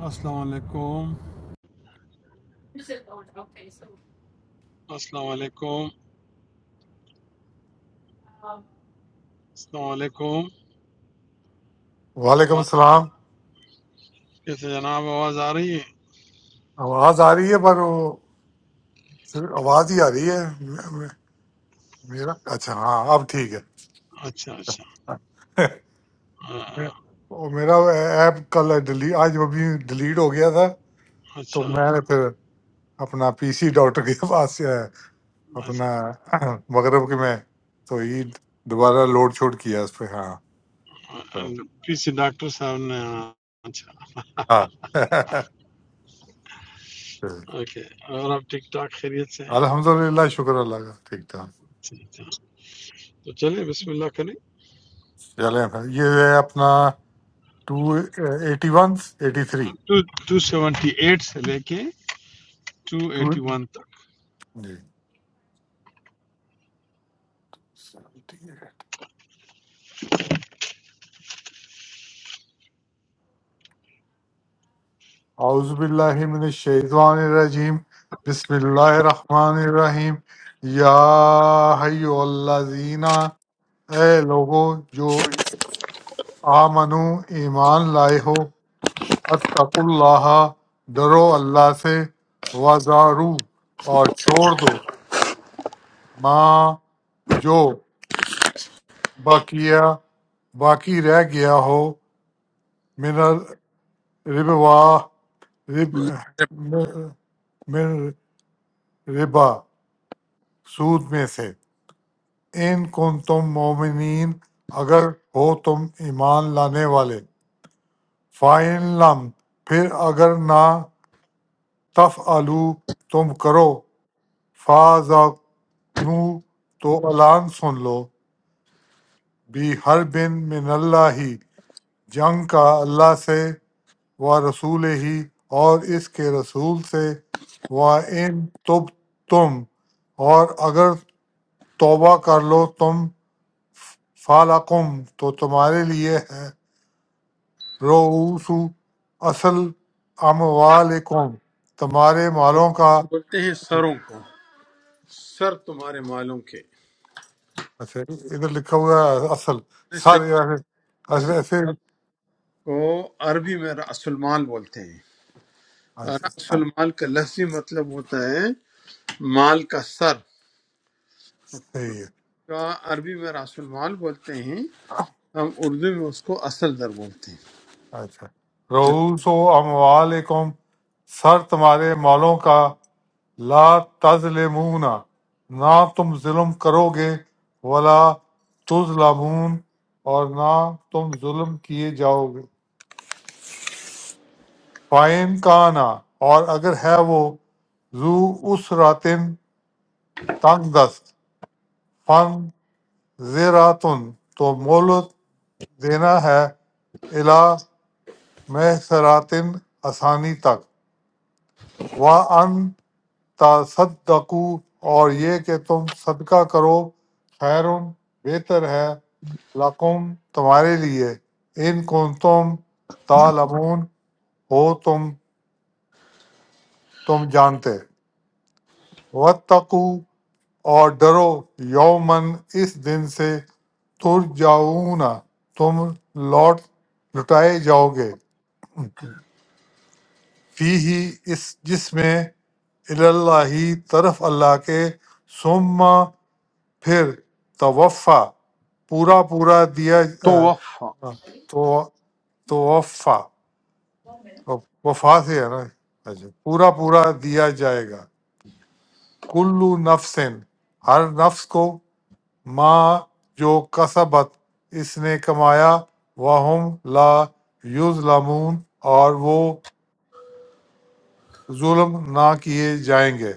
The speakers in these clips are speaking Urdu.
السلام علیکم السلام علیکم السلام علیکم وعلیکم آواز السلام کیسے جناب آواز آ رہی ہے آواز آ رہی ہے پر وہ صرف آواز ہی آ رہی ہے میں- میں- میرا اچھا ہاں اب ٹھیک ہے اچھا اچھا میں- ہاں، وہ میرا ایپ کل ڈلی آج ابھی ڈیلیٹ ہو گیا تھا تو اچھا میں نے پھر اپنا پی سی ڈاکٹر کے پاس اے، اچھا اپنا مغرب کے میں تو یہ دوبارہ لوڈ چھوڑ کیا اس پہ ہاں تو- پی سی ڈاکٹر صاحب نے ہاں، اچھا ہاں اوکے اور آپ ٹھیک ٹھاک خیریت سے ہیں الحمد للہ شکر اللہ کا ٹھیک ٹھاک اچھا اچھا تو چلیں بسم اللہ کریں چلیں پھر۔ یہ ہے اپنا two eighty one eighty three two seventy eight سے لے کے ٹو ٹو ایٹی ون تک جی۔ اعوذ باللہ من الشیطان الرجیم بسم اللہ الرحمن الرحیم یا حیو الذین اے لوگو جو آمنو ایمان لائے ہو اتقوا اللہ ڈرو اللہ سے وزارو اور چھوڑ دو ماں جو باقیہ باقی رہ گیا ہو من الربوا رب من ربا سود میں سے ان کن تم مومنین اگر ہو تم ایمان لانے والے فائن لم پھر اگر نہ تف آلو تم کرو فاضنو تو اعلان سن لو بھی ہر بن من اللہ ہی جنگ کا اللہ سے و رسول ہی اور اس کے رسول سے و ان تب تم اور اگر توبہ کر لو تم فَلَکُمْ تو تمہارے لیے ہے رؤوس اصل اموالکم تمہارے مالوں کا بولتے ہیں سروں کو سر تمہارے معلوم کے اچھا ادھر لکھا ہوا ہے اصل صحیح سارے ایسے اصل ایسے سر ایسے- کو عربی میں رأس المال بولتے ہیں، راس اچھا المال کا لفظی مطلب ہوتا ہے مال کا سر صحیح ہے کا عربی میں راس المال بولتے ہیں ہم اردو میں اس کو اصل در بولتے اچھا ہیں رؤوس اموالکم سر تمہارے مالوں کا لا تظلمون نہ تم ظلم کرو گے ولا تظلمون اور نہ تم ظلم کیے جاؤ گے فَإِنْ کَانَ اور اگر ہے وہ ذو اس راتن تنگ دست فن زیراتن تو مولت دینا ہے الا محسراتن آسانی تک و ان تصدقو اور یہ کہ تم صدقہ کرو خیر بہتر ہے لقم تمہارے لیے ان کن تم تالمون ہو تم تم جانتے وتقو اور ڈرو یومن اس دن سے تر جاؤنا تم لوٹ لٹائے جاؤ گے فی ہی اس جس میں اللہ طرف اللہ کے ثم پھر توفع پورا پورا دیا تو وفا آ، تو توفع وفا سے ہے نا اچھا، پورا پورا دیا جائے گا کلو نفسن ہر نفس کو ما جو کسبت اس نے کمایا وہم لا یظلمون اور وہ ظلم نہ کیے جائیں گے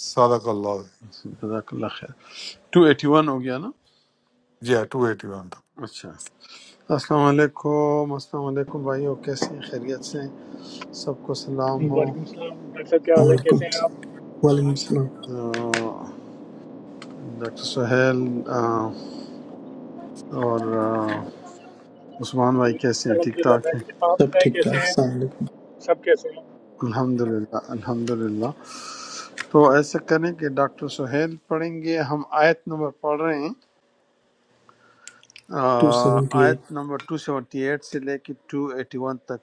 صدق اللہ العظیم۔ جزاک اللہ خیر 281 ہو گیا نا جی ہاں ٹو ایٹی ون اچھا السلام علیکم السلام علیکم بھائیو کیسے ہیں خیریت سے ہیں؟ سب کو سلام ہو वालेकुम सलाम भाई साहब क्या हाल السلام है علیکم कैसे हैं आप وعلیکم السلام آ، ڈاکٹر سہیل آ، اور آ، عثمان بھائی کیسے ہیں ٹھیک अलहमदिल्ला मैं ٹھاک ہیں भी आप سب बताएं ٹھیک ٹھاک कैसे السلام हैं علیکم सब कैसे हैं الحمد للہ الحمد للہ تو ایسا کریں کہ ڈاکٹر سہیل پڑھیں گے ہم آیت نمبر پڑھ رہے ہیں آ، ٹو سیونٹی ایٹ آیت نمبر 278 سے لے کے 281 تک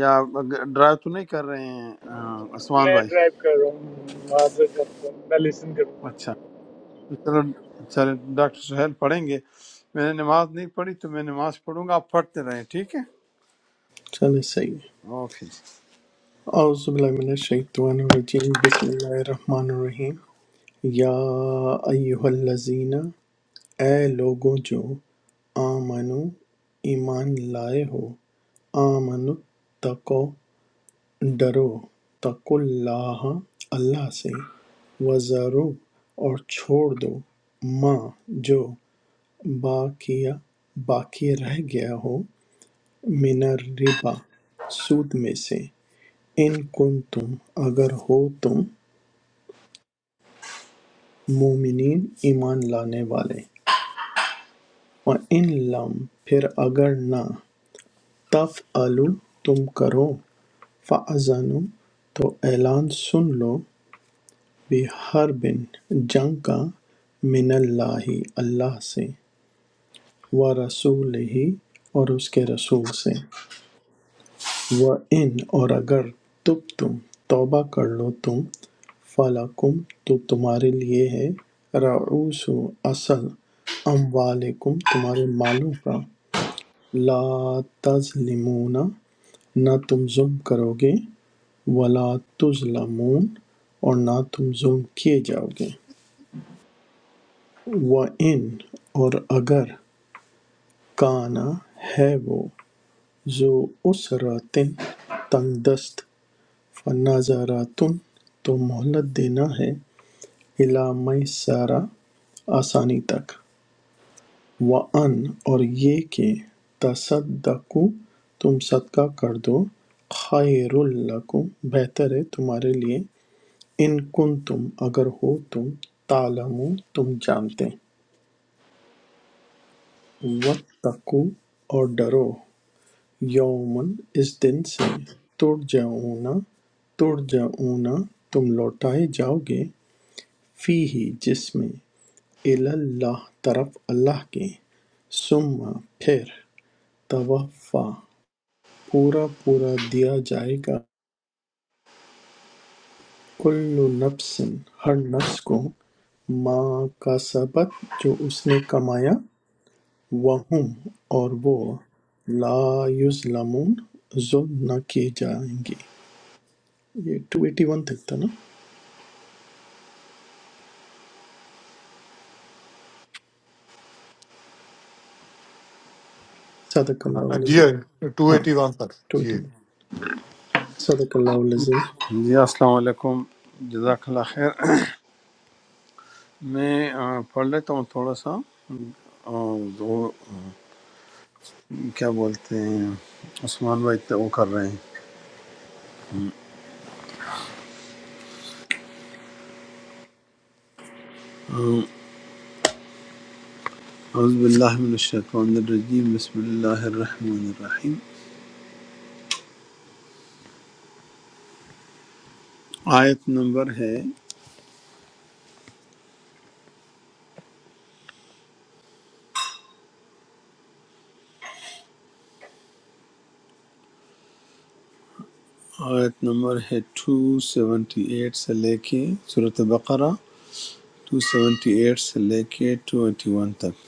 یا اگر- ڈرائیو تو نہیں کر رہے ہیں آ، عثمان मैं بھائی ड्राइव कर रहा हूँ वहाँ से डॉक्टर मैं लिसन करूँगा اچھا تو چلو چلے ڈاکٹر سہیل پڑھیں گے میں نے نماز نہیں پڑھی تو میں نماز پڑھوں گا آپ پڑھتے رہیں ٹھیک ہے چلے صحیح ہے اوکے جی اعوذ باللہ من الشیطان الرجیم بسم اللہ الرحمن الرحیم یا ایہا الذین اے لوگوں جو آمنو ایمان لائے ہو آمنو تقو ڈرو تقو اللہ اللہ سے وزارو اور چھوڑ دو ماں جو باقیہ باقی رہ گیا ہو من الربا سود میں سے ان کن تم اگر ہو تم مومنین ایمان لانے والے وَإِن لم پھر اگر نہ تفعلوا تم کرو فَأَذَنُوا تو اعلان سن لو بِحَرْبٍ جنگ کا من اللہ اللہ سے ورسولہ اور اس کے رسول سے وَإِنْ اور اگر تُبْتُمْ توبہ کر لو تم فَلَکُمْ تو تمہارے لیے ہے رؤوس اصل اموالکم تمہارے مالوں کا لا تظلمون نہ تم ظلم کرو گے ولا تظلمون اور نہ تم ظلم کیے جاؤ گے وَإِنْ اور اگر کانا ہے وہ ذو اسرتن تنگ دست فَنَظَرَۃٌ تو مہلت دینا ہے اِلیٰ مَیسَرَۃ آسانی تک وَأَن اور یہ کہ تَصَدَّقُوا تم صدقہ کر دو خَیْرٌ لَکُم بہتر ہے تمہارے لیے اِن کنتم اگر ہو تم تعلمون تم جانتے وَاتَّقُوا اور ڈرو یومن اس دن سے ترجعون ترجعون تم لوٹائے جاؤ گے فِیہِ جس میں الی اللہ طرف اللہ کے ثم پھر توفیٰ پورا پورا دیا جائے گا کل نفس ہر نفس کو ما کسبت جو اس نے کمایا وہم اور وہ لا یظلمون ظلم نہ کیے جائیں گے یہ 281 تک تھا نا صدق اللہ تک جی العظیم ہاں، ٹو ہاں ایٹی ون تک جی 281 صدق اللہ العظیم جی، السلام علیکم جزاک اللہ خیر میں آ، پڑھ لیتا ہوں تھوڑا سا آ، کیا بولتے ہیں عثمان بھائی تو وہ کر رہے ہیں اعوذ باللہ من الشیطان الرجیم بسم اللہ الرحمن الرحیم آیت نمبر ہے آیت نمبر ہے 278 سے لے کے صورت بقرہ 278 سے لے کے 281 تک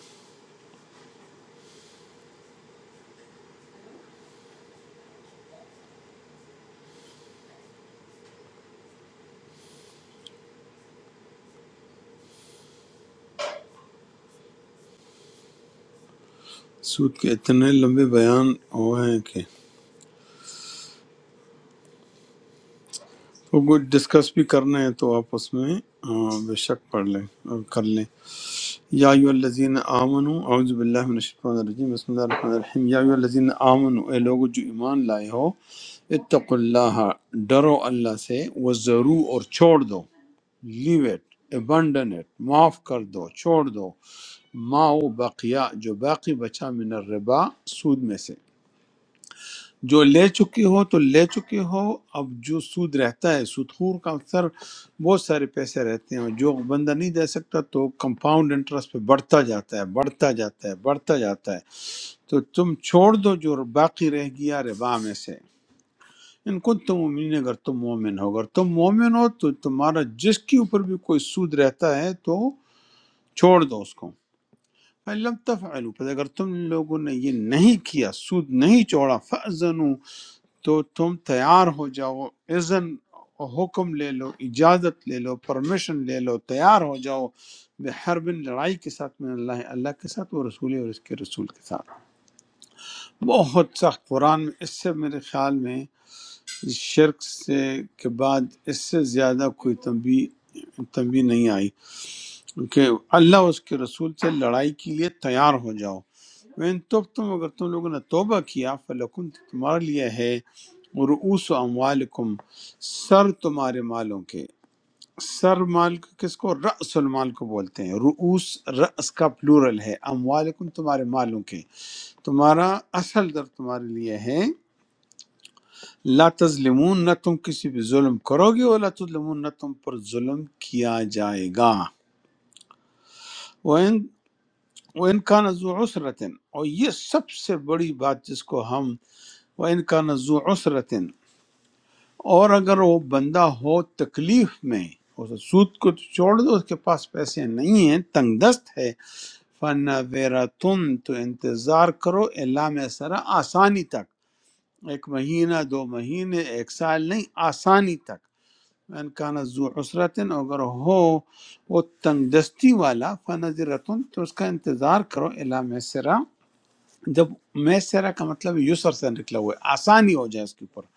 سود کے اتنے لمبے بیان ہوئے ہیں کہ وہ کچھ ڈسکس بھی کرنا ہے تو آپ اس میں آ، بے شک پڑھ لیں اور کر لیں یا ایو الذین آمنو اعوذ باللہ من الشیطان الرجیم بسم اللہ الرحمن الرحیم یا ایو الذین آمنو اے لوگو جو ایمان لائے ہو اتقوا اللہ ڈرو اللہ سے وزرو اور چھوڑ دو لیو اٹ ابنڈن اٹ معاف کر دو چھوڑ دو ما وہ بقیہ جو باقی بچا من الربا سود میں سے جو لے چکے ہو تو لے چکے ہو اب جو سود رہتا ہے سود خور کا اکثر بہت سارے پیسے رہتے ہیں اور جو بندہ نہیں دے سکتا تو کمپاؤنڈ انٹرسٹ پہ بڑھتا جاتا ہے بڑھتا جاتا ہے بڑھتا جاتا ہے تو تم چھوڑ دو جو باقی رہ گیا ربا میں سے ان کو تم مومن اگر تم مومن ہو اگر تم مومن ہو تو تمہارا جس کے اوپر بھی کوئی سود رہتا ہے تو چھوڑ دو اس کو فَإِن لم تفعلوا پس اگر تم لوگوں نے یہ نہیں کیا سود نہیں چھوڑا فَأْذَنُوا تو تم تیار ہو جاؤ اذن حکم لے لو اجازت لے لو پرمیشن لے لو تیار ہو جاؤ بحربن لڑائی کے ساتھ میں اللہ اللہ کے ساتھ وہ رسول اور اس کے رسول کے ساتھ بہت سخت قرآن میں اس سے میرے خیال میں شرک سے کے بعد اس سے زیادہ کوئی تنبیہ تنبیہ نہیں آئی کہ اللہ اور اس کے رسول سے لڑائی کے لیے تیار ہو جاؤ وین تب تم اگر تم لوگوں نے توبہ کیا فلکن تو تمہارے لیے ہے رؤوس اموالکم سر تمہارے مالوں کے سر مال کو کس کو رأس المال کو بولتے ہیں رؤوس رأس کا پلورل ہے اموالکم تمہارے مالوں کے تمہارا اصل در تمہارے لیے ہے لا تظلمون نہ تم کسی پہ ظلم کرو گے اور لا تظلمون نہ تم پر ظلم کیا جائے گا وہ ان کا نزو عسرتن اور یہ سب سے بڑی بات جس کو ہم وہ ان کا نزو عسرتن اور اگر وہ بندہ ہو تکلیف میں اس سود کو تو چھوڑ دو اس کے پاس پیسے نہیں ہیں تنگ دست ہے فن ویرا تم تو انتظار کرو اللہ میں سرا آسانی تک ایک مہینہ دو مہینے ایک سال نہیں آسانی تک ان کا نزو عسرتن اگر ہو وہ تنگ دستی والا فن تو اس کا انتظار کرو اللہ میں جب میں سیرا کا مطلب یسر سے نکلا ہوا ہے آسانی ہو جائے اس کے اوپر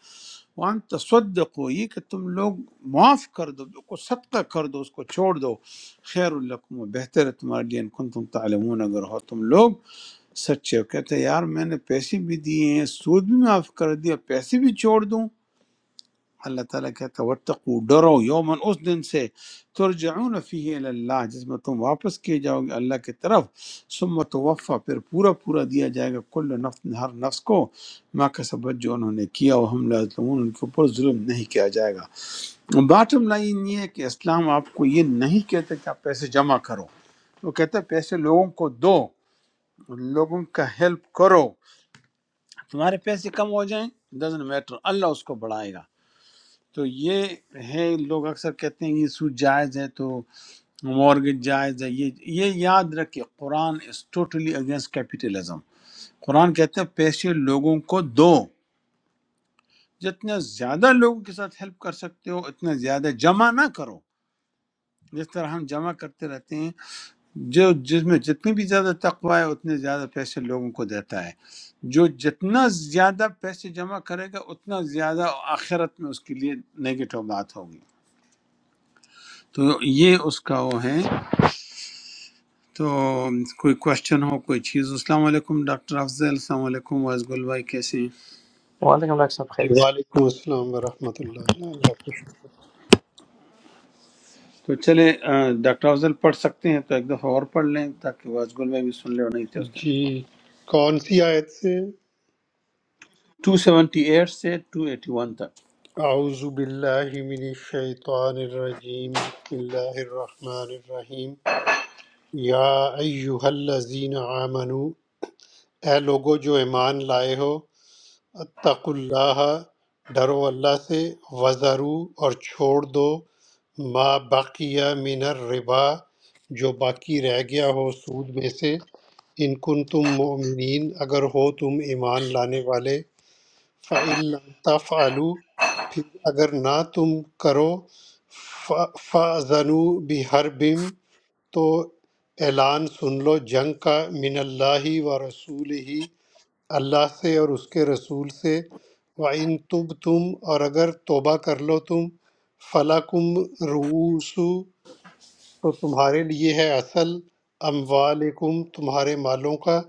وان تصدقو یہ کہ تم لوگ معاف کر دو کو صدقہ کر دو اس کو چھوڑ دو خیر الکم بہتر ہے تمہارے لیے ان کن تم تعلمون اگر ہو تم لوگ سچے ہو کہتے ہیں یار میں نے پیسے بھی دیے ہیں سود بھی معاف کر دیا پیسے بھی چھوڑ دوں اللہ تعالیٰ کہتا ہے وَاتَّقُوا ڈرو یومن اس دن سے ترجعون فیہ الی اللہ جس میں تم واپس کیے جاؤ گے اللہ کی طرف ثم توفا پھر پورا پورا دیا جائے گا کل نفس ہر نفس کو ما کسبت جو انہوں نے کیا وہ ہم لا یظلمون ان کے اوپر ظلم نہیں کیا جائے گا باٹم لائن یہ ہے کہ اسلام آپ کو یہ نہیں کہتا کہ آپ پیسے جمع کرو وہ کہتا ہے پیسے لوگوں کو دو لوگوں کا ہیلپ کرو تمہارے پیسے کم ہو جائیں ڈزنٹ میٹر اللہ اس کو بڑھائے گا تو یہ ہے لوگ اکثر کہتے ہیں یہ سود جائز ہے تو مورگج جائز ہے یہ یہ یاد رکھیں Quran is totally against capitalism Quran کہتے ہیں پیسے لوگوں کو دو جتنا زیادہ لوگوں کے ساتھ ہیلپ کر سکتے ہو اتنا زیادہ جمع نہ کرو جس طرح ہم جمع کرتے رہتے ہیں جو جس میں جتنی بھی زیادہ تقوی ہے اتنے زیادہ پیسے لوگوں کو دیتا ہے جو جتنا زیادہ پیسے جمع کرے گا اتنا زیادہ آخرت میں اس کے لیے نگیٹو بات ہوگی تو یہ اس کا وہ ہے تو کوئی کوشچن ہو کوئی چیز السلام علیکم ڈاکٹر افضل السلام علیکم واز گل بھائی کیسے ہیں وعلیکم ڈاکٹر صاحب جی خیریت سے وعلیکم السلام ورحمۃ اللہ اللہ کا شکر تو چلے آ، ڈاکٹر افضل پڑھ سکتے ہیں تو ایک دفعہ اور پڑھ لیں تاکہ واز گل بھائی بھی سن لے اور نہیں تھے اس ٹائم جی کون سی آیت سے ٹو سیونٹی ایٹ سے ٹو ایٹی ون تک اعوذ باللہ من الشیطان الرجیم بسم اللہ الرحمن الرحیم یا ایہا الذین آمنو اے لوگو جو ایمان لائے ہو اتق اللہ ڈرو اللہ سے وزرو اور چھوڑ دو ما بقیہ من الربا جو باقی رہ گیا ہو سود میں سے ان کن تم مومنین اگر ہو تم ایمان لانے والے فعل تفعلوا پھر اگر نہ تم کرو فَأْذَنُوا بِحَرْبٍ تو اعلان سن لو جنگ کا من اللہ و رسول ہی اللہ سے اور اس کے رسول سے وَإِن تب تم اور اگر توبہ کر لو تم فَلَكُمْ رُؤُوسُ تو تمہارے لیے ہے اصل اموالکم تمہارے مالوں کا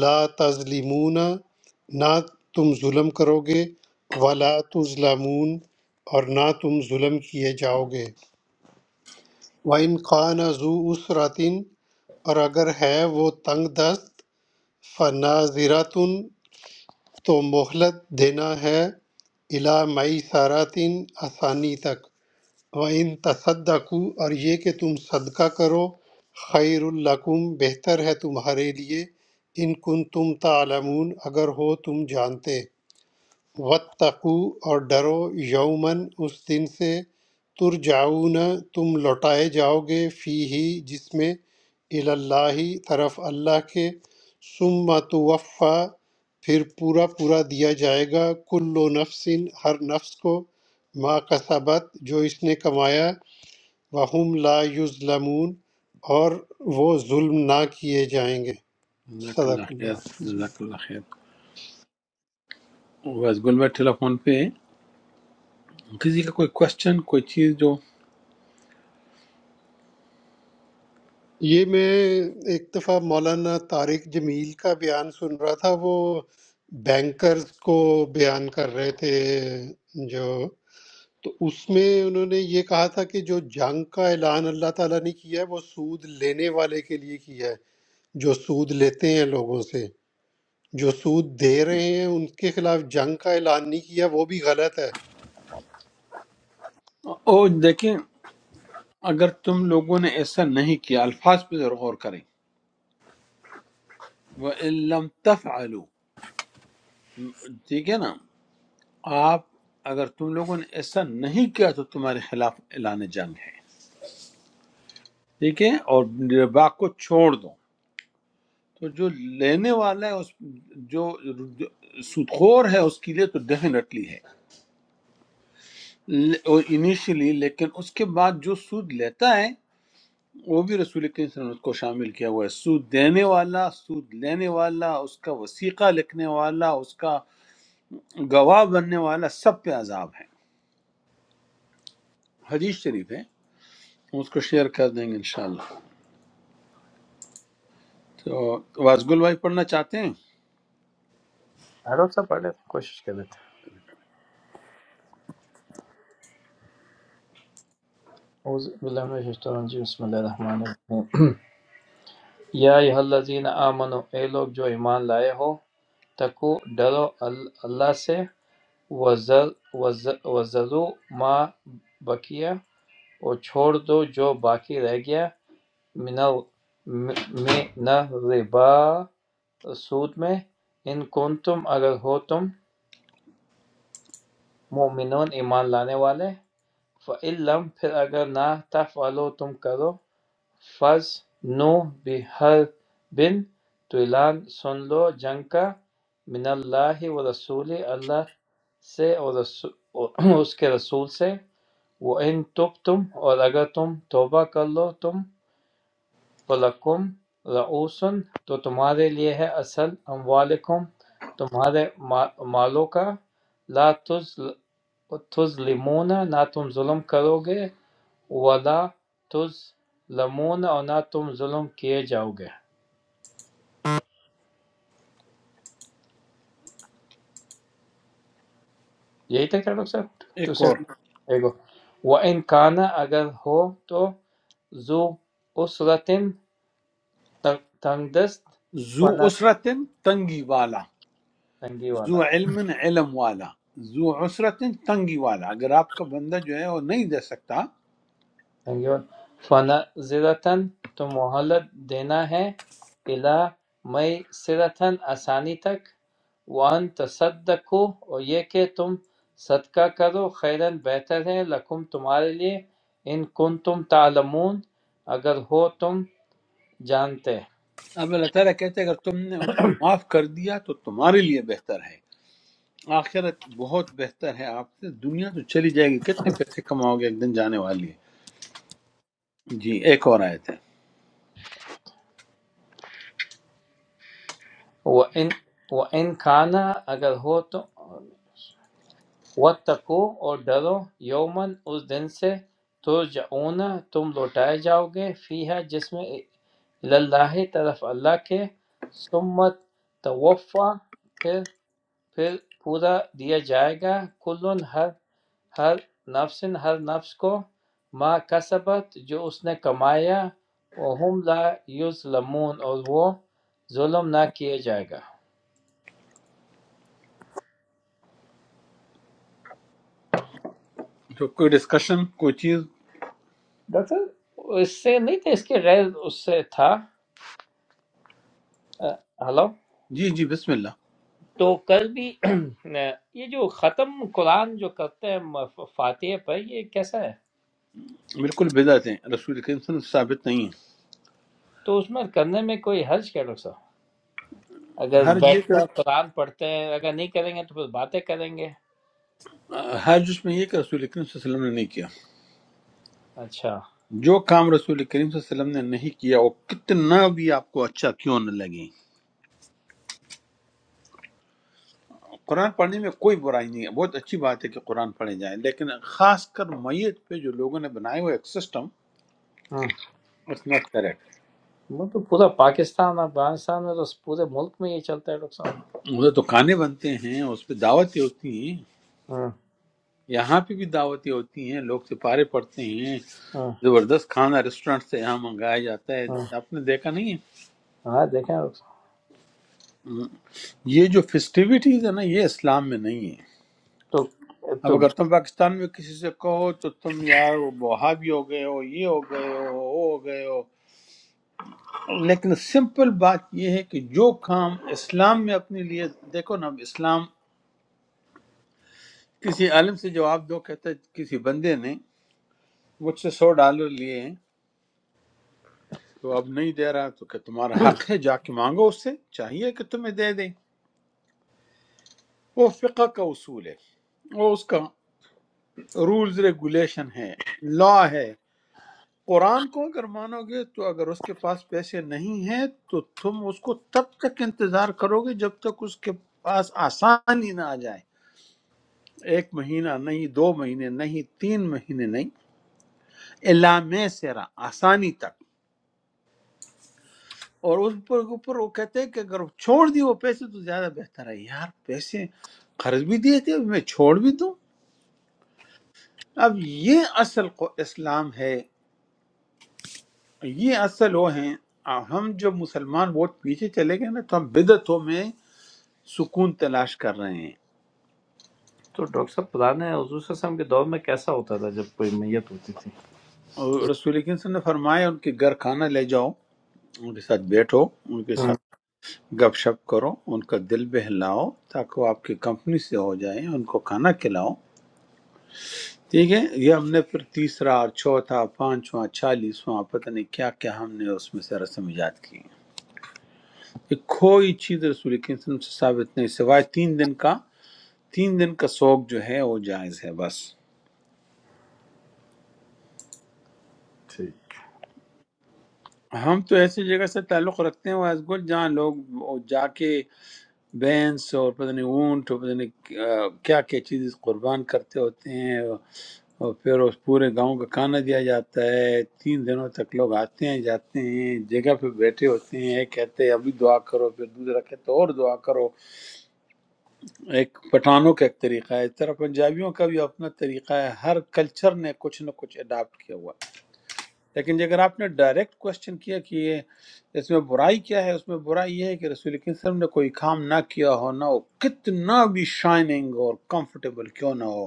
لا تظلمون نہ تم ظلم کرو گے ولا تظلمون اور نہ تم ظلم کیے جاؤ گے وَإِنْ قَانَ ذُو أُسْرَةٍ اور اگر ہے وہ تنگ دست فَنَاظِرَةٌ تو مہلت دینا ہے الا مئی ساراتین آسانی تک و ان تصدقو اور یہ کہ تم صدقہ کرو خیر القم بہتر ہے تمہارے لیے ان کن تم تعلمون اگر ہو تم جانتے واتقو اور ڈرو یومن اس دن سے ترجعون تم لوٹائے جاؤ گے فی ہی جس میں اللہ طرف اللہ کے ثم توفا پھر پورا پورا دیا جائے گا کل نفس ہر نفس کو ما کسبت جو اس نے کمایا وہم لا یظلمون اور وہ ظلم نہ کیے جائیں گے جزاک اللہ صدق خیر اللہ جزاک اللہ خیر واز گل بھائی ٹیلی فون پہ ہیں۔ کسی کا کوئی کوشچن کوئی چیز جو یہ میں ایک دفعہ مولانا طارق جمیل کا بیان سن رہا تھا وہ بینکرز کو بیان کر رہے تھے جو تو اس میں انہوں نے یہ کہا تھا کہ جو جنگ کا اعلان اللہ تعالیٰ نے کیا ہے وہ سود لینے والے کے لیے کیا ہے جو سود لیتے ہیں لوگوں سے جو سود دے رہے ہیں ان کے خلاف جنگ کا اعلان نہیں کیا وہ بھی غلط ہے او دیکھیں اگر تم لوگوں نے ایسا نہیں کیا الفاظ پہ ضرور غور کریں وہ لم تفعلوا ٹھیک ہے نا آپ اگر تم لوگوں نے ایسا نہیں کیا تو تمہارے خلاف اعلان جنگ ہے ٹھیک ہے اور ربا کو چھوڑ دو تو جو لینے والا ہے اس جو سود خور ہے اس کے لیے تو ڈیفینیٹلی ہے انیشلی لیکن اس کے بعد جو سود لیتا ہے وہ بھی رسول کریم صلی اللہ علیہ وسلم نے اس کو شامل کیا ہوا ہے سود دینے والا سود لینے والا اس کا وسیقہ لکھنے والا اس کا گواہ بننے والا سب پہ عذاب ہے حدیث شریف ہے ہم اس کو شیئر کر دیں گے انشاءاللہ تو وازگل بھائی پڑھنا چاہتے ہیں ہاں، ڈاکٹر صاحب پڑھ لیتے ہیں، کوشش کر لیتے ہیں اعوذ باللہ من الشیطان الرجیم بسم اللہ الرحمن الرحیم یا ایہا الذین آمنو اے لوگ جو ایمان لائے ہو تکو ڈرو ال- اللہ سے وزر وزر وزرو ما بقیہ اور چھوڑ دو جو باقی رہ گیا من ال- م- من الربا سود میں ان کن تم اگر ہو تم مومنون ایمان لانے والے فعلم پھر اگر نہ تفعلو تم کرو فض نو بحر بن تو اعلان سن لو جنگ کا من اللہ و رسول اللہ سے اور رسو- اور اس کے رسول سے وہ ان تب تم اور اگر تم توبہ کر لو تم فلکم رعوسن تو تمہارے لیے ہے اصل اموالکم تمہارے ما- مالوں کا لا تظلمون نہ تم ظلم کرو گے وَلَا تُظْلَمُونَ اور نہ تم ظلم کیے جاؤ گے یہی تھا کیا ڈاکٹر صاحب ٹو ایک اور سیون وَإِنْ كَانَ اگر ہو تو ذو اسرتن تنگ دست زو فنا عسرتن تنگی والا تنگی والا زو علم علم والا زو عسرتن تنگی والا اگر آپ کا بندہ جو ہے وہ نہیں دے سکتا فَنَظِرَةً تو مہلت دینا ہے اِلیٰ مَیسَرَةٍ آسانی تک وَأَن تَصَدَّقُوا اور یہ کہ تم صدقہ کرو خیرًا بہتر ہے لکم تمہارے لیے ان کن تم تعلمون اگر ہو تم جانتے اب اللہ تعالیٰ کہتے ہیں اگر تم نے اس کو معاف کر دیا تو تمہارے لیے بہتر ہے آخرت بہت بہتر ہے آپ سے دنیا تو چلی جائے گی کتنے پیسے کماؤ گے ایک دن جانے والی ہے جی ایک اور آیت ہے وَإِن وَإِن کھانا اگر ہو تم واتقو اور ڈرو یومن اس دن سے ترجعون تم لوٹائے جاؤ گے فی ہے جس میں اللہ طرف اللہ کے سمت توفع پھر پھر پورا دیا جائے گا کلن ہر ہر نفس ہر نفس کو ما کسبت جو اس نے کمایا وہم لا یظلمون اور وہ ظلم نہ کیے جائے گا تو کوئی ڈسکشن کوئی چیز ڈاکٹر اس سے نہیں تھا اس کے غیر اس سے تھا ہلو جی جی بسم اللہ تو کل بھی یہ جو ختم قرآن جو کرتے ہیں مف- فاتحہ پر یہ کیسا ہے بالکل بدعت ہیں رسول کریم صلی اللہ علیہ وسلم ثابت نہیں ہے تو اس میں کرنے میں کوئی حرج کیا ڈاکٹر صاحب اگر ہر یہ بیٹھ کہ کر قرآن پڑھتے ہیں اگر نہیں کریں گے تو پھر باتیں کریں گے ہر جس میں یہ کہ رسول کریم صلی اللہ علیہ وسلم نے نہیں کیا اچھا جو کام رسول کریم صلی اللہ علیہ وسلم نے نہیں کیا وہ کتنا بھی آپ کو اچھا کیوں نہ لگے قرآن پڑھنے میں کوئی برائی نہیں ہے بہت اچھی بات ہے کہ قرآن پڑھے جائیں لیکن خاص کر میت پہ جو لوگوں نے بنائے ہوئے ایک سسٹم ہوں اٹس ناٹ کریکٹ وہ تو پورا پاکستان افغانستان میں تو پورے ملک میں یہ چلتا ہے ڈاکٹر صاحب ادھر دکانیں بنتے ہیں اس پہ دعوتیں ہوتی ہیں ہوں، یہاں پہ بھی دعوتیں ہوتی ہیں لوگ سپارے پڑتے ہیں ہوں، زبردست کھانا ریسٹورینٹ سے یہاں منگایا جاتا ہے ہوں۔ آپ نے دیکھا نہیں ہے ہاں دیکھیں ڈاکٹر صاحب یہ جو فیسٹیوٹیز ہے نا یہ اسلام میں نہیں ہے۔ تو اب تو اگر تم پاکستان میں کسی سے کہو تو تم یار وہ وہابی ہو گئے ہو یہ ہو گئے ہو وہ ہو گئے ہو لیکن سمپل بات یہ ہے کہ جو کام اسلام میں اپنے لیے دیکھو نا اب اسلام کسی عالم سے جواب دو کہتا ہے کسی بندے نے مجھ سے سو ڈالر لیے ہیں تو اب نہیں دے رہا تو کہ تمہارا حق ہے جا کے مانگو اس سے چاہیے کہ تمہیں دے دے وہ فقہ کا اصول ہے وہ اس کا رولز ریگولیشن ہے لا ہے قرآن کو اگر مانو گے تو اگر اس کے پاس پیسے نہیں ہیں تو تم اس کو تب تک انتظار کرو گے جب تک اس کے پاس آسانی نہ آ جائے ایک مہینہ نہیں دو مہینے نہیں تین مہینے نہیں علامے سیرا آسانی تک اور اس پر اوپر وہ کہتے ہیں کہ اگر چھوڑ دی وہ پیسے تو زیادہ بہتر ہے یار پیسے قرض بھی دیے تھے اب میں چھوڑ بھی دوں اب یہ اصل کو اسلام ہے یہ اصل وہ ہیں ہم جب مسلمان بہت پیچھے چلے گئے نا تو ہم بدعتوں میں سکون تلاش کر رہے ہیں تو ڈاکٹر صاحب پرانے حضور صلی اللہ علیہ وسلم کے دور میں کیسا ہوتا تھا جب کوئی میت ہوتی تھی اور رسول اکرم صلی اللہ علیہ وسلم نے فرمایا ان کے گھر کھانا لے جاؤ ان کے ساتھ بیٹھو ان کے ہوں، ساتھ گپ شپ کرو ان کا دل بہلاؤ تاکہ وہ آپ کی کمپنی سے ہو جائیں ان کو کھانا کھلاؤ ٹھیک ہے یہ ہم نے پھر تیسرا اور چوتھا پانچواں چھالیسواں پتہ نہیں کیا کیا ہم نے اس میں سے رسم ایجاد کی ہیں۔ یہ کوئی چیز رسول اکرم صلی اللہ علیہ وسلم سے ثابت نہیں سوائے تین دن کا تین دن کا سوگ جو ہے وہ جائز ہے بس ٹھیک ہم تو ایسی جگہ سے تعلق رکھتے ہیں واس گل جہاں لوگ وہ جا کے بینس اور پتہ نہیں اونٹ اور پتہ نہیں کیا کیا کیا چیزیں قربان کرتے ہوتے ہیں اور پھر اس پورے گاؤں کا کھانا دیا جاتا ہے تین دنوں تک لوگ آتے ہیں جاتے ہیں جگہ پہ بیٹھے ہوتے ہیں ایک کہتے ہیں ابھی دعا کرو پھر دوسرا کہتے اور دعا کرو ایک پٹھانوں کا ایک طریقہ ہے اس طرح پنجابیوں کا بھی اپنا طریقہ ہے ہر کلچر نے کچھ نہ کچھ اڈاپٹ کیا ہوا ہے لیکن جی اگر آپ نے ڈائریکٹ کوشچن کیا کہ یہ اس میں برائی کیا ہے اس میں برائی یہ ہے کہ رسول اکرم صلی اللہ علیہ وسلم نے کوئی کام نہ کیا ہو نہ ہو کتنا بھی شائننگ اور کمفرٹیبل کیوں نہ ہو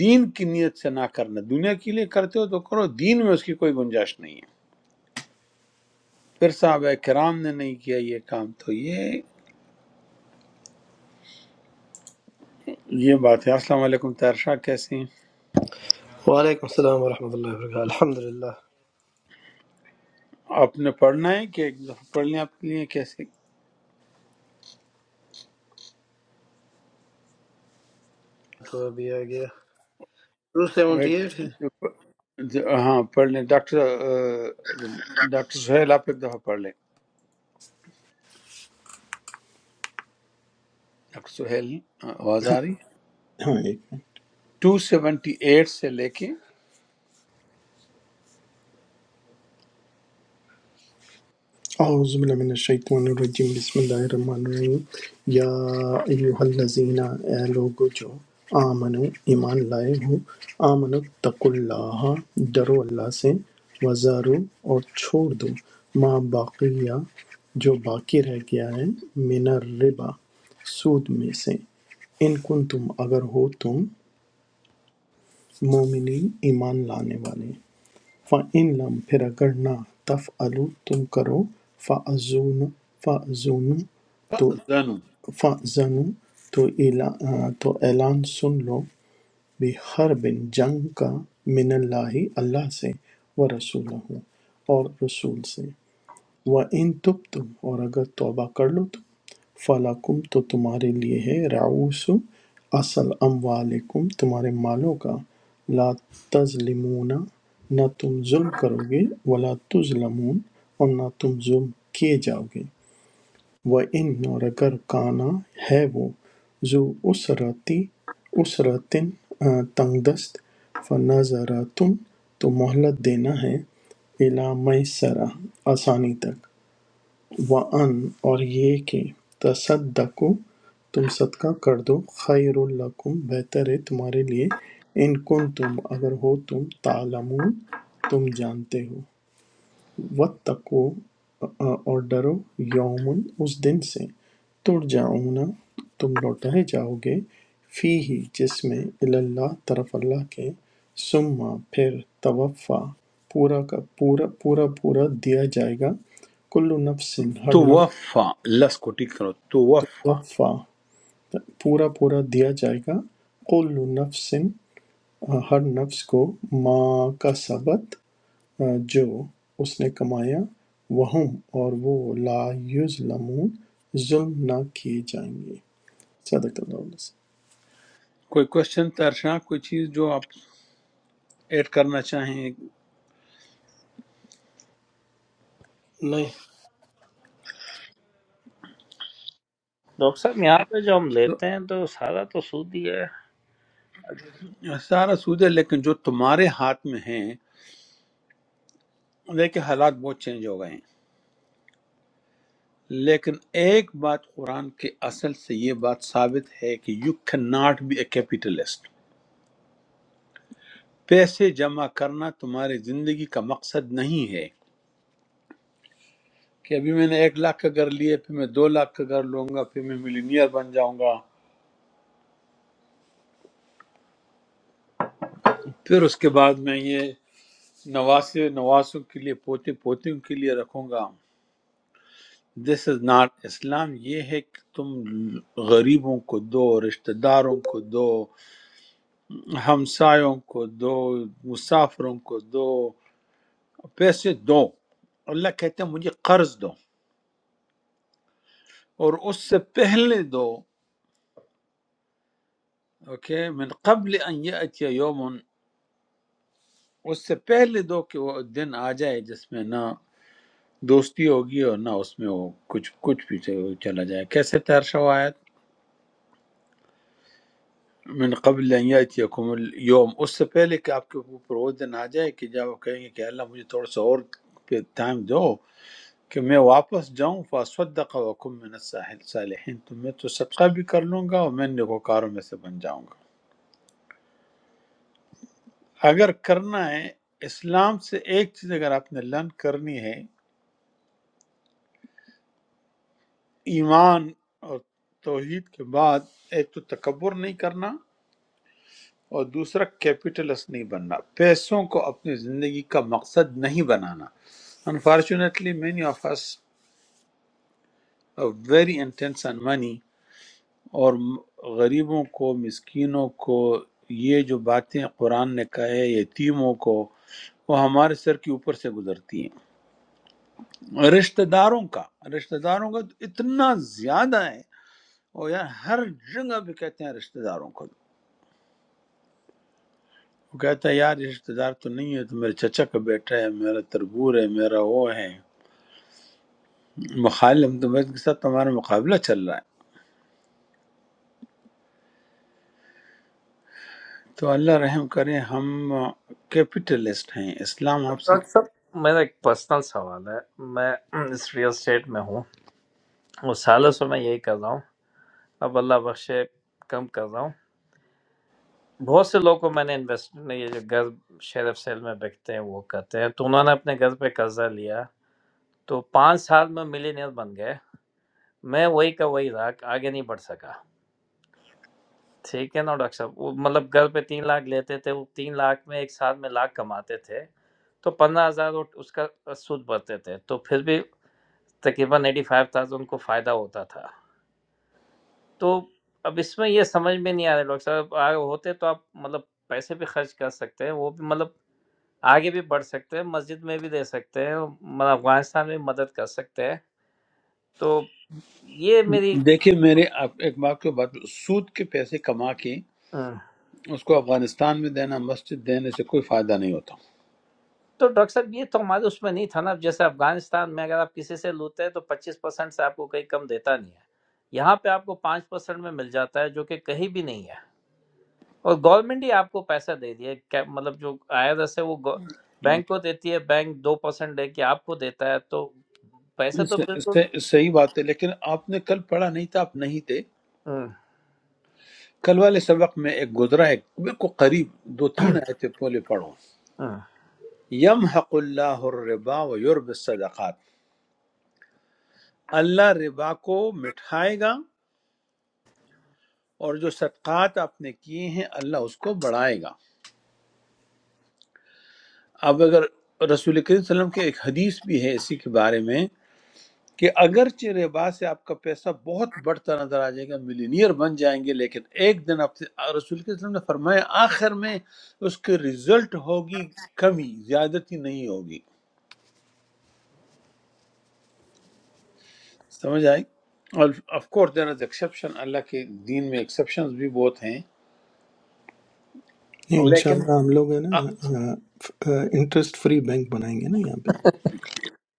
دین کی نیت سے نہ کرنا دنیا کے لیے کرتے ہو تو کرو دین میں اس کی کوئی گنجائش نہیں ہے پھر صحابہ کرام نے نہیں کیا یہ کام تو یہ یہ بات ہے السلام علیکم طاہر شاہ کیسے ہیں وعلیکم السلام ورحمۃ اللہ وبرکاتہ الحمد للہ آپ نے پڑھنا ہے کہ ایک دفعہ پڑھ لیں آپ کے لیے کیسے تو ابھی آ گیا ٹو سیونٹی ایک ایٹ ہے ج- ہاں پڑھ لیں ڈاکٹر آ، ڈاکٹر سہیل آپ ایک دفعہ پڑھ لیں ڈاکٹر سہیل آ، آواز آ رہی ہے؟ ہاں ٹو سیونٹی ایٹ سے لے کے اعوذ باللہ من الشیطان الرجیم بسم اللہ الرحمن الرحیم یا ایوہ الذین اے لوگو جو آمنو ایمان لائے ہو آمنو تقو اللہ ڈرو اللہ سے وزارو اور چھوڑ دو ما باقیہ جو باقی رہ گیا ہے من الربا سود میں سے ان کن تم اگر ہو تم مومنین ایمان لانے والے فَإِن لَم پھر اگر نہ تَفْعَلوا تم کرو فَأَذُنُ فَأَذُنُ تو زنو فَأْذَنُوا تو اعلا- تو اعلان سن لو بِحَرْبٍ جنگ کا من اللہ اللہ سے ورسولہ اور رسول سے وَإِن تُبْتُمْ اور اگر توبہ کر لو تم فَلَكُمْ تو تمہارے لیے ہے رعوس اصل اموالکم تمہارے مالوں کا لا تظلمون نہ تم ظلم کرو گے ولا تظلمون اور نہ تم ظلم کیے جاؤ گے وَإِن اور اگر کانا ہے وہ ذو اسرتی اسرتن آ، تنگ دست فنظرتم تو مہلت دینا ہے الا میسرہ آسانی تک وَأَنْ اور یہ کہ تصدقوا تم صدقہ کر دو خیر لکم بہتر ہے تمہارے لیے ان کن تم اگر ہو تم تعلمون تم جانتے ہو واتقوا آ، اور ڈرو یومن اس دن سے ترجعون تم لوٹائے جاؤ گے فی ہی جس میں الی اللہ طرف اللہ کے سما پھر توفع پورا کا پورا پورا پورا دیا جائے گا کل نفس ہر تو نفس وفا لس کو ٹک کرو تو وفا وفا پورا پورا دیا جائے گا کل نفس ہر نفس کو ما کا سبت جو اس نے کمایا وہم اور وہ لا یظلمون ظلم نہ کیے جائیں گے صدق اللہ علیہ وسلم کوئی کوشچن ترشا کوئی چیز جو آپ ایڈ کرنا چاہیں نہیں ڈاکٹر صاحب یہاں پہ جو ہم لیتے تو ہیں تو سارا تو سود ہی ہے سارا سود ہے لیکن جو تمہارے ہاتھ میں ہیں دیکھیں حالات بہت چینج ہو گئے ہیں لیکن ایک بات قرآن کے اصل سے یہ بات ثابت ہے کہ you can not be a capitalist پیسے جمع کرنا تمہاری زندگی کا مقصد نہیں ہے کہ ابھی میں نے ایک لاکھ اگر لیے پھر میں دو لاکھ اگر لوں گا پھر میں ملینئر بن جاؤں گا پھر اس کے بعد میں یہ نواسے نواسوں کے لیے پوتے پوتیوں کے لیے رکھوں گا دس از ناٹ اسلام یہ ہے کہ تم غریبوں کو دو رشتہ داروں کو دو ہمسایوں کو دو مسافروں کو دو پیسے دو اللہ کہتے ہیں مجھے قرض دو اور اس سے پہلے دو اوکے من قبل ان یاتی یوم اس سے پہلے دو کہ وہ دن آ جائے جس میں نہ دوستی ہوگی اور نہ اس میں وہ کچھ کچھ پیچھے چلا جائے کیسے تیر شوایت من قبل ان یاتیکم اليوم اس سے پہلے کہ آپ کے اوپر وہ دن آ جائے کہ جب وہ کہیں گے کہ اللہ مجھے تھوڑا سا اور پہ ٹائم دو کہ میں واپس جاؤں فاصدق وکم من الصالحین تو میں تو صدقہ بھی کر لوں گا اور میں نیکوکاروں میں سے بن جاؤں گا اگر کرنا ہے اسلام سے ایک چیز اگر آپ نے لرن کرنی ہے ایمان اور توحید کے بعد ایک تو تکبر نہیں کرنا اور دوسرا کیپٹلسٹ نہیں بننا پیسوں کو اپنی زندگی کا مقصد نہیں بنانا unfortunately many of us are very intense on money اور م- غریبوں کو مسکینوں کو یہ جو باتیں قرآن نے کہے یتیموں کو وہ ہمارے سر کے اوپر سے گزرتی ہیں رشتہ داروں کا رشتہ داروں کا تو اتنا زیادہ ہے اور یار ہر جگہ پہ کہتے ہیں رشتہ داروں کو وہ کہتا ہے یار یہ رشتہ دار تو نہیں ہے تو میرے چچا کا بیٹا ہے میرا تربور ہے میرا وہ ہے مخالم تو بس کے ساتھ ہمارا مقابلہ چل رہا ہے تو اللہ رحم کرے ہم کیپٹلسٹ ہیں اسلام آپ سے ڈاکٹر صاحب میرا ایک پرسنل سوال ہے میں اس ریئل اسٹیٹ میں ہوں اور سالوں سے میں یہی کر رہا ہوں اب اللہ بخشے کم کر رہا ہوں بہت سے لوگ کو میں نے انویسٹ میں یہ جو گھر شیرف سیل میں بکتے ہیں وہ کرتے ہیں تو انہوں نے اپنے گھر پہ قرضہ لیا تو پانچ سال میں ملینئر بن گئے میں وہی کا وہی رہا آگے نہیں بڑھ سکا ٹھیک ہے نا ڈاکٹر صاحب وہ مطلب گھر پہ تین لاکھ لیتے تھے وہ تین لاکھ میں ایک سال میں لاکھ کماتے تھے تو پندرہ ہزار وہ اس کا سود بھرتے تھے تو پھر بھی تقریباً ایٹی فائیو تھاؤزینڈ کو فائدہ ہوتا تھا تو اب اس میں یہ سمجھ میں نہیں آ رہا ڈاکٹر صاحب آگے ہوتے تو آپ مطلب پیسے بھی خرچ کر سکتے ہیں وہ بھی مطلب آگے بھی بڑھ سکتے ہیں مسجد میں بھی دے سکتے ہیں مطلب افغانستان میں مدد کر سکتے ہیں تو یہ میری دیکھیں میرے آپ ایک بات کو بات سود کے پیسے کما کے ہاں۔ اس کو افغانستان میں دینا مسجد دینے سے کوئی فائدہ نہیں ہوتا تو ڈاکٹر صاحب یہ تو ہمارے اس میں نہیں تھا نا اب جیسے افغانستان میں اگر آپ کسی سے لوتے ہیں تو پچیس پرسینٹ سے آپ کو کہیں کم دیتا نہیں ہے یہاں پہ آپ کو پانچ پرسینٹ میں مل جاتا ہے جو کہ کہیں بھی نہیں ہے اور گورنمنٹ ہی آپ کو پیسہ دے رہی ہے کیا- مطلب جو آئی آر ایس ہے وہ گو- بینک کو دیتی ہے بینک دو پرسینٹ لے کے آپ کو دیتا ہے تو پیسہ تو س- بالکل س- صحیح بات ہے لیکن آپ نے کل پڑھا نہیں تھا آپ نہیں تھے ہاں، کل والے سبق میں ایک گزرا ہے بالکل قریب دو تین آیتیں پہلے پڑھو ہاں۔ یم حق اللہ الربا و یورب صدقات اللہ ربا کو مٹھائے گا اور جو صدقات آپ نے کیے ہیں اللہ اس کو بڑھائے گا اب اگر رسول کریم صلی اللہ علیہ وسلم کے ایک حدیث بھی ہے اسی کے بارے میں کہ اگرچہ ربا سے آپ کا پیسہ بہت بڑھتا نظر آ جائے گا ملینئر بن جائیں گے لیکن ایک دن آپ سے رسول کے وسلم نے فرمایا آخر میں اس کے رزلٹ ہوگی کمی زیادتی نہیں ہوگی سمجھ آئی اور of course there is exception Allah کے دین میں ایکسیپشن بھی بہت ہیں یہ لیکن انشاءاللہ ہم لوگ ہیں آ- نا انٹرسٹ فری بینک بنائیں گے نا یہاں پہ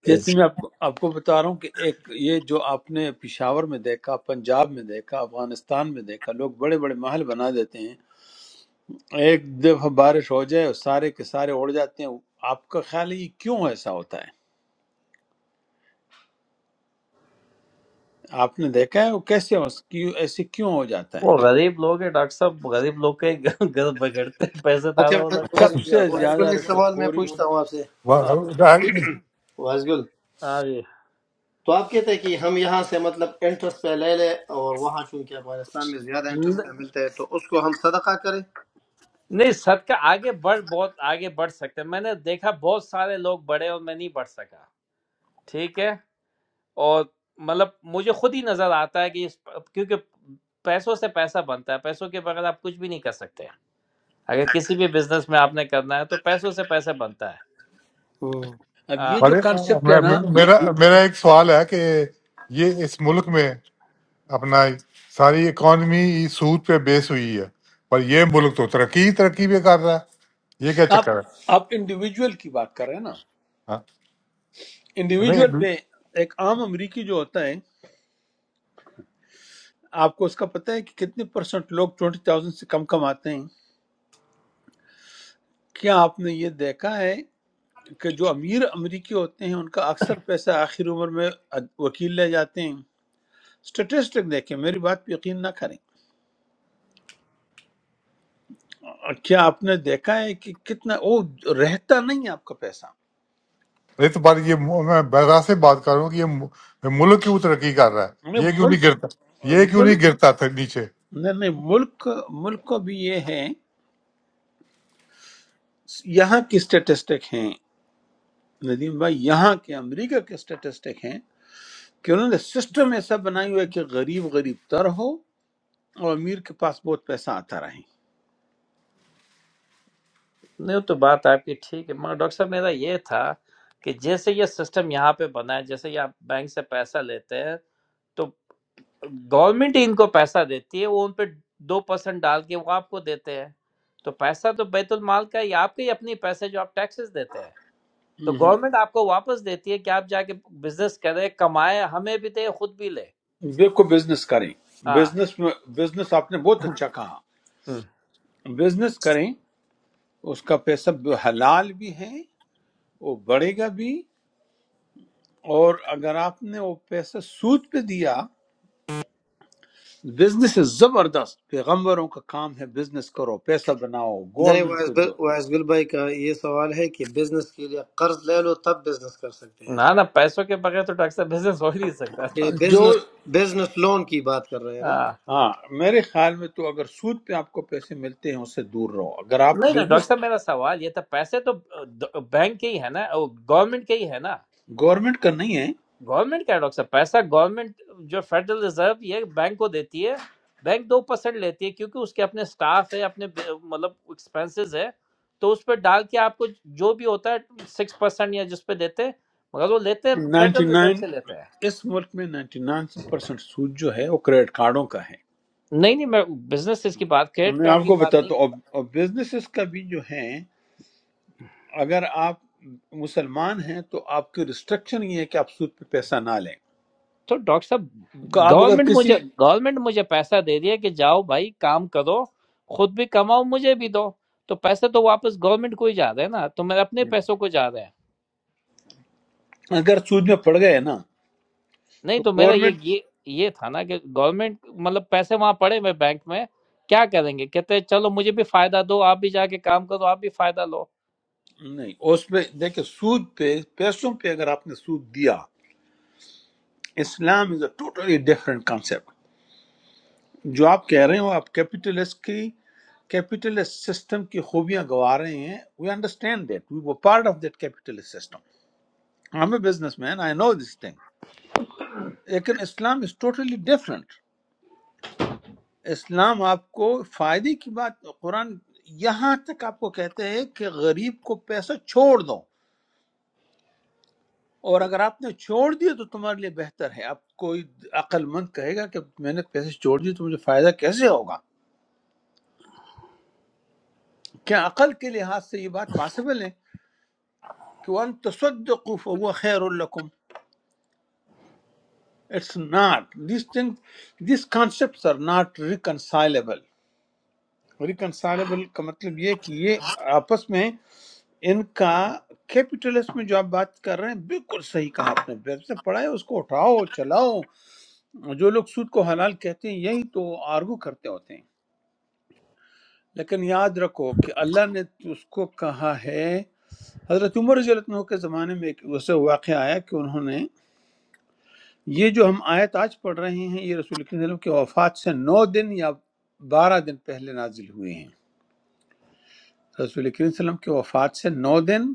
جیسے میں آپ کو آپ کو بتا رہا ہوں کہ ایک یہ جو آپ نے پشاور میں دیکھا پنجاب میں دیکھا افغانستان میں دیکھا لوگ بڑے بڑے محل بنا دیتے ہیں ایک دفعہ بارش ہو جائے اور سارے کے سارے اڑ جاتے ہیں آپ کا خیال ہے یہ کیوں ایسا ہوتا ہے آپ نے دیکھا ہے وہ کیسے ہو- کیوں- ایسے کیوں ہو جاتا ہے وہ غریب لوگ ہیں ڈاکٹر صاحب غریب لوگ کے گھر بگڑتے ہیں پیسے اچھا زیادہ ہونا وائس کبھی سب نہیں سے ہوتا وائس زیادہ گل ایک رشوت سوال میں خوری پوچھتا ہوں آپ سے وائس ہاں وائس گل ہاں جی تو آپ کہتے ہیں کہ ہم یہاں سے مطلب انٹرسٹ پہ لے لیں اور وہاں چونکہ افغانستان میں زیادہ انٹرسٹ ن- پہ ملتا ہے تو اس کو ہم صدقہ کریں نہیں صدقہ آگے بڑھ بہت آگے بڑھ سکتے ہیں۔ میں نے دیکھا بہت سارے لوگ بڑھے اور میں نہیں بڑھ سکا ٹھیک ہے اور مطلب مجھے خود ہی نظر آتا ہے کہ اس کیونکہ پیسوں سے پیسہ بنتا ہے پیسوں کے بغیر آپ کچھ بھی نہیں کر سکتے اگر کسی بھی بزنس میں آپ نے کرنا ہے تو پیسوں سے پیسہ بنتا ہے ہوں۔ اب آ، یہ جو ارے، کانسیپٹ ہے نا یہ میرا میرا ایک سوال ہے کہ یہ اس ملک میں اپنا ساری اکانومی سود پہ بیس ہوئی ہے پر یہ ملک تو ترقی ہی ترقی پہ کر رہا ہے یہ کیا آپ چکر ہے آپ انڈیویجول کی بات کر رہے ہیں نا ہاں، انڈیویجول نہیں پہ ایک عام امریکی جو ہوتا ہے آپ کو اس کا پتہ ہے کہ کتنے پرسنٹ لوگ ٹوئنٹی تھاؤزینڈ سے کم کماتے ہیں کیا آپ نے یہ دیکھا ہے کہ جو امیر امریکی ہوتے ہیں ان کا اکثر پیسہ آخر عمر میں وکیل لے جاتے ہیں سٹیٹسٹک دیکھیں میری بات پہ یقین نہ کریں کیا آپ نے دیکھا ہے کہ کتنا وہ رہتا نہیں ہے آپ کا پیسہ ارے تو بات یہ مو- میں بغیر سے بات کر رہا ہوں کہ یہ مو- ملک کیوں ترقی کر رہا ہے میں یہ کیوں نہیں ملک گرتا یہ کیوں نہیں ملک گرتا تھا نیچے نہیں نہیں ملک ملک کو بھی یہ ہے یہاں کی سٹیٹسٹک ہیں ندیم بھائی یہاں کے امریکہ کے سٹیٹسٹک ہیں کہ انہوں نے سسٹم ایسا بنائی ہوا ہے کہ غریب غریب تر ہو اور امیر کے پاس بہت پیسہ آتا رہے نہیں تو بات آپ کی ٹھیک ہے مگر ڈاکٹر صاحب میرا یہ تھا کہ جیسے یہ سسٹم یہاں پہ بنا ہے جیسے یہ آپ بینک سے پیسہ لیتے ہیں تو گورنمنٹ ہی ان کو پیسہ دیتی ہے وہ ان پہ دو پرسینٹ ڈال کے وہ آپ کو دیتے ہیں تو پیسہ تو بیت المال کا ہے، یہ آپ کے ہی اپنے پیسے جو آپ ٹیکسز دیتے ہیں تو گورنمنٹ آپ کو واپس دیتی ہے کہ آپ جا کے بزنس کرے کمائے ہمیں بھی دے خود بھی لے دیکھو بزنس کریں ہاں بزنس میں بزنس آپ نے بہت اچھا کہا ہم۔ بزنس کریں اس کا پیسہ حلال بھی ہے وہ بڑھے گا بھی اور اگر آپ نے وہ پیسہ سود پہ دیا بزنس زبردست پیغمبروں کا کام ہے بزنس کرو پیسہ بناؤ نہیں گورنمنٹ وائس کو گل دو وائس گل بھائی کا یہ سوال ہے کہ بزنس کے لیے قرض لے لو تب بزنس کر سکتے ہیں نہ نہ پیسوں کے بغیر تو ڈاکٹر صاحب بزنس ہو ہی نہیں سکتا نا۔ کہ جو بزنس بزنس لون کی بات کر رہے ہیں نا ہاں۔ ہاں میرے خیال میں تو اگر سود پہ آپ کو پیسے ملتے ہیں اس سے دور رہو اگر آپ نہیں نہیں ڈاکٹر بزنس صاحب میرا سوال یہ تھا پیسے تو بینک کے ہی ہے نا گورنمنٹ کے ہی ہے نا گورنمنٹ کا نہیں ہے گورنمنٹ کیا ہے ڈاکٹر صاحب پیسہ گورنمنٹ جو فیڈرل ریزرو یہ بینک کو دیتی ہے بینک دو پرسینٹ لیتی ہے کیونکہ اس کے اپنے سٹاف ہے اپنے ب- مطلب ایکسپنسز ہے تو اس پہ ڈال کے آپ کو جو بھی ہوتا ہے سکس پرسینٹ یا جس پہ دیتے ہیں مگر وہ لیتے ہیں نائنٹی فیڈرل ریزرو نائن سے لیتے ہیں اس ملک میں نائنٹی نائن پرسینٹ سود جو ہے وہ کریڈٹ کارڈوں کا ہے نہیں نہیں میں بزنس کی بات کریڈٹ میں کارڈ آپ کی کو بات نہیں بتاتا کر رہا۔ ہوں اور بزنسز کا بھی جو ہے اگر آپ مسلمان ہیں تو آپ کی ریسٹرکشن یہ ہے کہ آپ سود پہ پیسہ نہ لیں تو ڈاکٹر صاحب کہ آپ اگر گورنمنٹ مجھے کسی گورنمنٹ مجھے پیسہ دے دیا کہ جاؤ بھائی کام کرو خود بھی کماؤ مجھے بھی دو تو پیسے تو واپس گورنمنٹ کو ہی جا رہے ہیں نا تو میرے اپنے پیسوں کو جا رہے ہیں اگر سود میں پڑ گئے نا نہیں تو تو میرا یہ گورنمنٹ یہ یہ تھا نا کہ گورنمنٹ مطلب پیسے وہاں پڑے ہوئے بینک میں کیا کریں گے کہتے ہیں چلو مجھے بھی فائدہ دو آپ بھی جا کے کام کرو آپ بھی فائدہ لو نہیں اس پہ دیکھیں سود پہ پیسوں پہ اگر آپ نے سود دیا Islam is a totally different concept جو آپ کہہ رہے ہو آپ کیپیٹلسٹ کی کیپیٹلسٹ سسٹم کی خوبیاں گوا رہے ہیں وی انڈرسٹینڈ دیٹ وی وہ part of that capitalist system I am a businessman I know this thing لیکن اسلام از ٹوٹلی ڈفرینٹ اسلام آپ کو فائدے کی بات قرآن یہاں تک آپ کو کہتے ہیں کہ غریب کو پیسہ چھوڑ دو اور اگر آپ نے چھوڑ دیا تو تمہارے لیے بہتر ہے آپ کوئی عقل مند کہے گا کہ میں نے پیسے چھوڑ دیے تو مجھے فائدہ کیسے ہوگا کیا عقل کے لحاظ سے یہ بات پاسبل ہے کہ وَأَن تَصَدَّقُوا فَهُوَ خَيْرٌ لَكُمْ It's not. These things, these concepts are not reconcilable. Reconcilable کا مطلب یہ ہے کہ یہ آپس میں ان کا کیپیٹلسٹ میں جو آپ بات کر رہے ہیں بالکل صحیح کہا آپ نے ویب سے پڑھا ہے اس کو اٹھاؤ چلاؤ جو لوگ سود کو حلال کہتے ہیں یہی تو آرگو کرتے ہوتے ہیں لیکن یاد رکھو کہ اللہ نے اس کو کہا ہے حضرت عمر رضی اللہ عنہ کے زمانے میں ایک ویسے واقعہ آیا کہ انہوں نے یہ جو ہم آیت آج پڑھ رہے ہیں یہ رسول کریم صلی اللہ علیہ وسلم کی وفات سے نو دن یا بارہ دن پہلے نازل ہوئے ہیں رسول کریم صلی اللہ علیہ وسلم کی وفات سے نو دن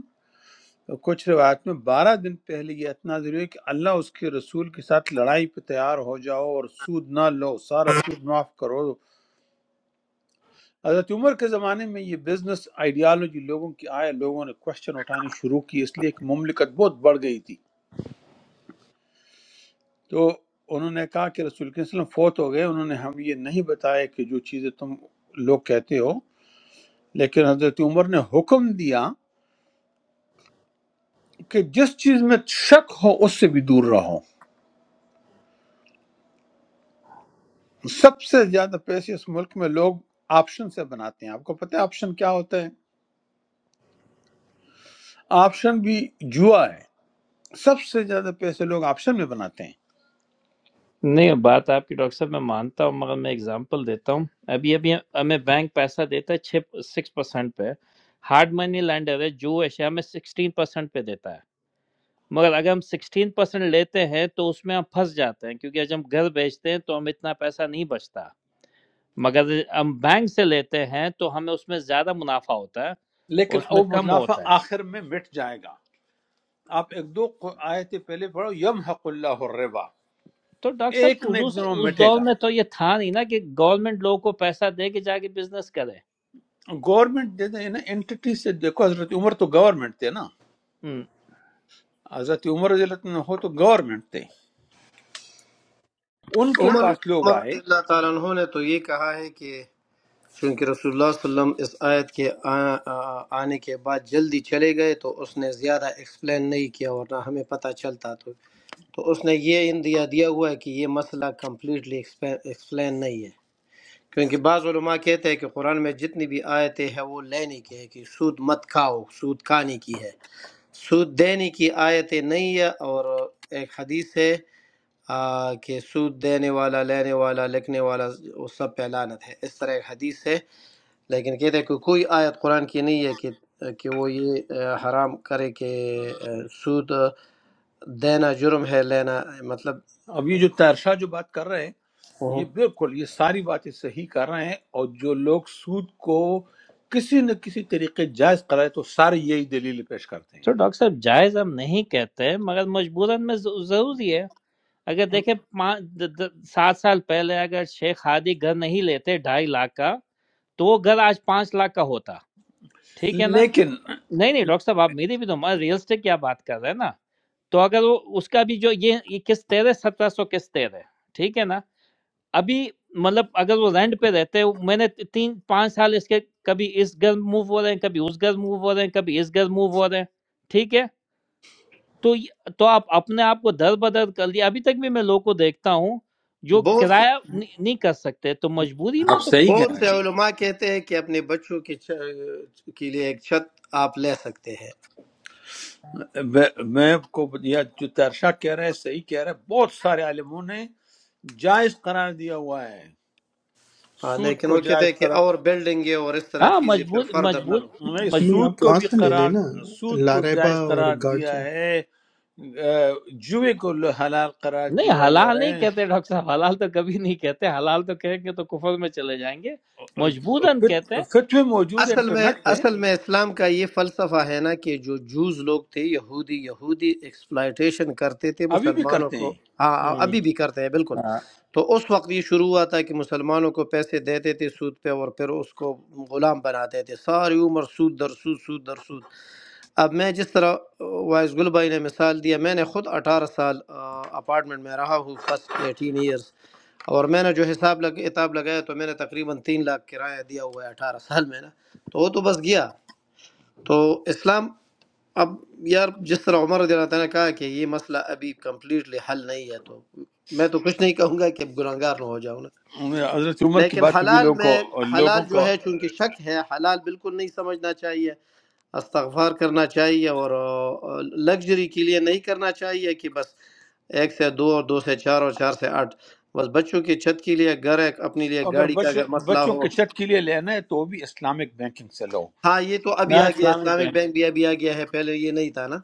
کچھ روایت میں بارہ دن پہلے یہ اتنا ضروری ہے کہ اللہ اس کے رسول کے ساتھ لڑائی پہ تیار ہو جاؤ اور سود نہ لو سارا سود معاف کرو حضرت عمر کے زمانے میں یہ بزنس آئیڈیالوجی لوگوں کی آئے لوگوں نے کوشچن اٹھانے شروع کی اس لیے کہ مملکت بہت بڑھ گئی تھی تو انہوں نے کہا کہ رسول کے وسلم فوت ہو گئے انہوں نے ہم یہ نہیں بتایا کہ جو چیزیں تم لوگ کہتے ہو لیکن حضرت عمر نے حکم دیا کہ جس چیز میں شک ہو اس سے بھی دور رہو سب سے زیادہ پیسے اس ملک میں لوگ آپشن سے بناتے ہیں آپ کو پتہ ہے آپشن کیا ہوتا ہے آپشن بھی جوا ہے سب سے زیادہ پیسے لوگ آپشن میں بناتے ہیں نہیں بات آپ کی ڈاکٹر صاحب میں مانتا ہوں مگر میں اگزامپل دیتا ہوں ابھی ابھی ہمیں بینک پیسہ دیتا ہے چھ سکس پرسینٹ پہ ہارڈ منی لینڈر ہے جو اشیاء میں سکسٹین پرسینٹ پہ دیتا ہے مگر اگر ہم سکسٹین پرسینٹ لیتے ہیں تو اس میں ہم پھنس جاتے ہیں کیونکہ جب ہم گھر بیچتے ہیں تو ہم اتنا پیسہ نہیں بچتا مگر ہم بینک سے لیتے ہیں تو ہمیں اس میں زیادہ منافع ہوتا ہے لیکن اس وہ میں کم منافع ہوتا ہے آخر میں مٹ جائے گا آپ ایک دو آیتیں پہلے پڑھو یم حق اللہ الربا تو ڈاکٹر ایک صاحب نہ حضور ایک دن سے وہ اس مٹے دور گا میں تو یہ تھا نہیں نا کہ گورنمنٹ لوگوں کو پیسہ دے کے جا کے بزنس کرے گورنمنٹ دے دیں نا انٹیٹی سے دیکھو حضرت عمر تو گورنمنٹ تھے نا ہم، حضرت عمر رضی اللہ عنہ ہو تو گورنمنٹ تھے ان کے عمر پاس لوگ عمر آئے رضی اللہ تعالیٰ عنہ نے تو یہ کہا ہے کہ چونکہ رسول اللہ صلی اللہ علیہ وسلم اس آیت کے آ- آ- آنے کے بعد جلدی چلے گئے تو اس نے زیادہ ایکسپلین نہیں کیا ورنہ ہمیں پتہ چلتا تو تو اس نے یہ اندیا دیا ہوا ہے کہ یہ مسئلہ کمپلیٹلی ایکسپلین نہیں ہے کیونکہ بعض علماء کہتے ہیں کہ قرآن میں جتنی بھی آیتیں ہیں وہ لینے کی ہے کہ سود مت کھاؤ سود کھانے کی ہے سود دینے کی آیتیں نہیں ہے اور ایک حدیث ہے آ، کہ سود دینے والا لینے والا لکھنے والا وہ سب پہ لعنت ہے اس طرح ایک حدیث ہے لیکن کہتے ہیں کہ کوئی آیت قرآن کی نہیں ہے کہ کہ وہ یہ اہ، حرام کرے کہ اہ، سود دینا جرم ہے لینا مطلب اب یہ جو تیرشاہ جو بات کر رہے ہیں ہوں۔ یہ بالکل یہ ساری باتیں صحیح کر رہے ہیں اور جو لوگ سود کو کسی نہ کسی طریقے جائز قرار تو سارے یہی دلیل پیش کرتے ہیں تو ڈاکٹر صاحب جائز ہم نہیں کہتے مگر مجبوراً میں ض- ضروری ہے اگر دیکھیں پانچ د- د- سات سال پہلے اگر شیخ ہادی گھر نہیں لیتے ڈھائی لاکھ کا تو وہ گھر آج پانچ لاکھ کا ہوتا ٹھیک ہے نا لیکن نہیں نہیں ڈاکٹر صاحب آپ میری بھی تو ریل اسٹیٹ کیا بات کر رہے ہیں نا تو اگر وہ اس کا بھی جو یہ یہ قسط تیرے سترہ سو قسط تیرے ٹھیک ہے نا ابھی مطلب اگر وہ رینٹ پہ رہتے میں نے تی- تین پانچ سال اس کے کبھی اس گھر موو ہو رہے ہیں کبھی اس گھر موو ہو رہے ہیں کبھی اس گھر موو ہو رہے ہیں ٹھیک ہے تو یہ- تو آپ اپنے آپ کو در بدر کر لیا ابھی تک بھی میں لوگوں کو دیکھتا ہوں جو بہت کرایہ نہیں نہیں کر سکتے تو مجبوری میں آپ تو صحیح کہہ بہت رہے سے کچھ ہی- علماء کہتے ہیں کہ اپنے بچوں کی چ- کے لیے ایک چھت آپ لے سکتے ہیں ہیں میں میں آپ کو یہ جو ترشا کہہ رہے ہیں صحیح کہہ رہے ہیں بہت سارے عالموں نے جائز قرار دیا ہوا ہے ہاں، سود لیکن کو وہ کہتے ہیں جائز کہ قرار اور بلڈنگیں اور اس طرح ہاں چیزیں پھر مجبور فردر نہ لو نہیں نہیں مجبور سود آپ کو وہاں بھی سے لے لیں قرار نا سود کو لاریبا جائز اور قرار دیا گارجن ہے اہ، جوئے کو حلال قرار نہیں دیا ہوا حلال نہیں ہے کہتے ڈاکٹر صاحب حلال تو کبھی نہیں کہتے حلال تو کہیں گے تو کفر میں چلے جائیں گے مجبوراً فت- کہتے ہیں فتوے موجود ہیں اصل میں انٹرنیٹ پہ اصل میں اسلام کا یہ فلسفہ ہے نا کہ جو جوز لوگ تھے یہودی یہودی ایکسپلائٹیشن کرتے تھے ابھی بھی مسلمانوں کرتے کو ہیں ہاں ہم، ابھی بھی کرتے ہیں بالکل ہاں، تو اس وقت یہ شروع ہوا تھا کہ مسلمانوں کو پیسے دیتے تھے سود پہ اور پھر اس کو غلام بناتے تھے ساری عمر سود در سود سود در سود اب میں جس طرح وائس گل بھائی نے مثال دیا میں نے خود اٹھارہ سال آ، اپارٹمنٹ میں رہا ہوں فسٹ ایٹین ایئرس اور میں نے جو حساب لگ اتاب لگایا تو میں نے تقریباً تین لاکھ کرایہ دیا ہوا ہے اٹھارہ سال میں نا تو وہ تو بس گیا تو اسلام اب یار جس طرح عمر رضی اللہ تعالیٰ نے کہا کہ یہ مسئلہ ابھی کمپلیٹلی حل نہیں ہے تو میں تو کچھ نہیں کہوں گا کہ گناہگار نہ ہو جاؤں نا حضرت عمر کی لیکن بات بھی حلال لوگوں میں کو حلال لوگوں جو کو ہے چونکہ شک ہے حلال بالکل نہیں سمجھنا چاہیے استغفار کرنا چاہیے اور لگژری کے لیے نہیں کرنا چاہیے کہ بس ایک سے دو اور دو سے چار اور چار سے آٹھ بس بچوں کی چھت کے لیے گھر ہے اپنے لیے اگر گاڑی کا بچ, اگر مسئلہ بچوں ہو کے چٹ کے لیے لینا ہے تو وہ بھی اسلامک بینکنگ سے لو ہاں یہ تو ابھی ہاں، آ گیا ہے، اسلامک اسلامک بینک بینک بھی ابھی آ گیا ہے پہلے یہ نہیں تھا نا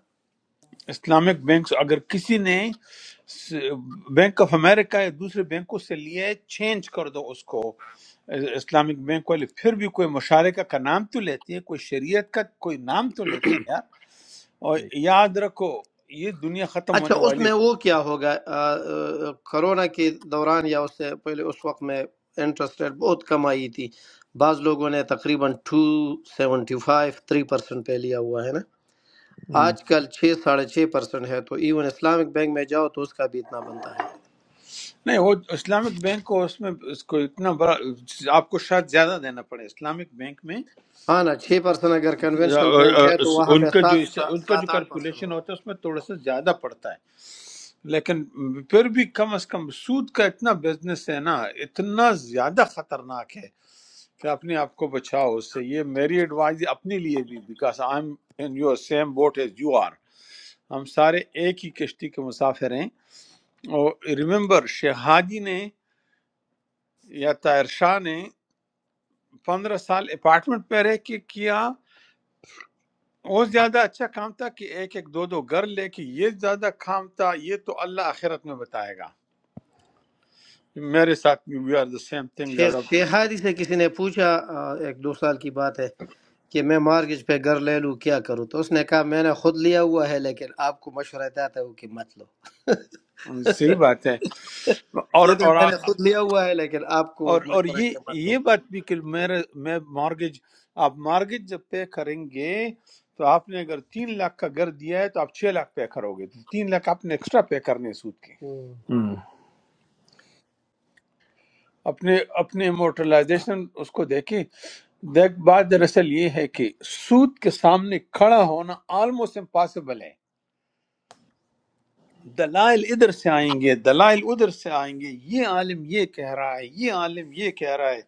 اسلامک بینک اگر کسی نے بینک آف امریکہ یا دوسرے بینکوں سے لیے چینج کر دو اس کو اسلامک بینک والے پھر بھی کوئی مشارکہ کا نام تو لیتے ہیں کوئی شریعت کا کوئی نام تو لیتے ہیں یار اور ٹھیک یاد رکھو یہ دنیا ختم اچھا ہونے اس والی میں وہ کیا ہوگا آ، آ، کرونا کے دوران یا اس سے پہلے اس وقت میں انٹرسٹ ریٹ بہت کم آئی تھی بعض لوگوں نے تقریباً two seventy five three percent پہ لیا ہوا ہے نا ہم، آج کل چھ ساڑھے چھ پرسنٹ ہے تو ایون اسلامک بینک میں جاؤ تو اس کا بھی اتنا بنتا ہے نہیں وہ اسلامک بینک کو اس میں اس کو اتنا بڑا آپ کو شاید زیادہ دینا پڑے اسلامک بینک میں ہاں نا چھ پرسنٹ اگر کنونشنل بینک ہے تو وہاں ان پہ کا جو سات ان کا جو سات آٹھ پرسنٹ کیلکولیشن ہوگا ہوتا ہے اس میں تھوڑا سا زیادہ پڑتا ہے لیکن پھر بھی کم از کم سود کا اتنا بزنس ہے نا اتنا زیادہ خطرناک ہے کہ اپنے آپ کو بچاؤ اس سے یہ میری ایڈوائز اپنے لیے بھی because I am in your same boat as you are ہم سارے ایک ہی کشتی کے مسافر ہیں اور ریممبر شہادی نے یا طاہر شاہ نے پندرہ سال اپارٹمنٹ پہ رہ کے کیا وہ زیادہ اچھا کام تھا کہ ایک ایک دو دو گھر لے کے یہ زیادہ کام تھا یہ تو اللہ آخرت میں بتائے گا میرے ساتھ بھی we are the same thing شیخ زیادہ شیخادی سے کسی نے پوچھا آ، ایک دو سال کی بات ہے کہ میں مارگیج پہ گھر لے لوں کیا کروں تو اس نے کہا میں نے خود لیا ہوا ہے لیکن آپ کو مشورہ دیتا ہوں کہ مت لو صحیح بات ہے اور کہتے ہیں، اور میں نے خود لیا ہوا ہے لیکن آپ کو اور اور مشورہ ہے یہ کہ مت لو یہ بات بھی کہ میرے میں مارگیج آپ مارگیج جب پے کریں گے تو آپ نے اگر تین لاکھ کا گھر دیا ہے تو آپ چھ لاکھ پے کرو گے تو تین لاکھ آپ نے ایکسٹرا پے کرنے ہیں سود کے ہوں۔ ہم۔ اپنے اپنے امورٹلائزیشن اس کو دیکھیں دیکھ بات دراصل یہ ہے کہ سود کے سامنے کھڑا ہونا آلموسٹ امپاسبل ہے دلائل ادھر سے آئیں گے دلائل ادھر سے آئیں گے یہ عالم یہ کہہ رہا ہے یہ عالم یہ کہہ رہا ہے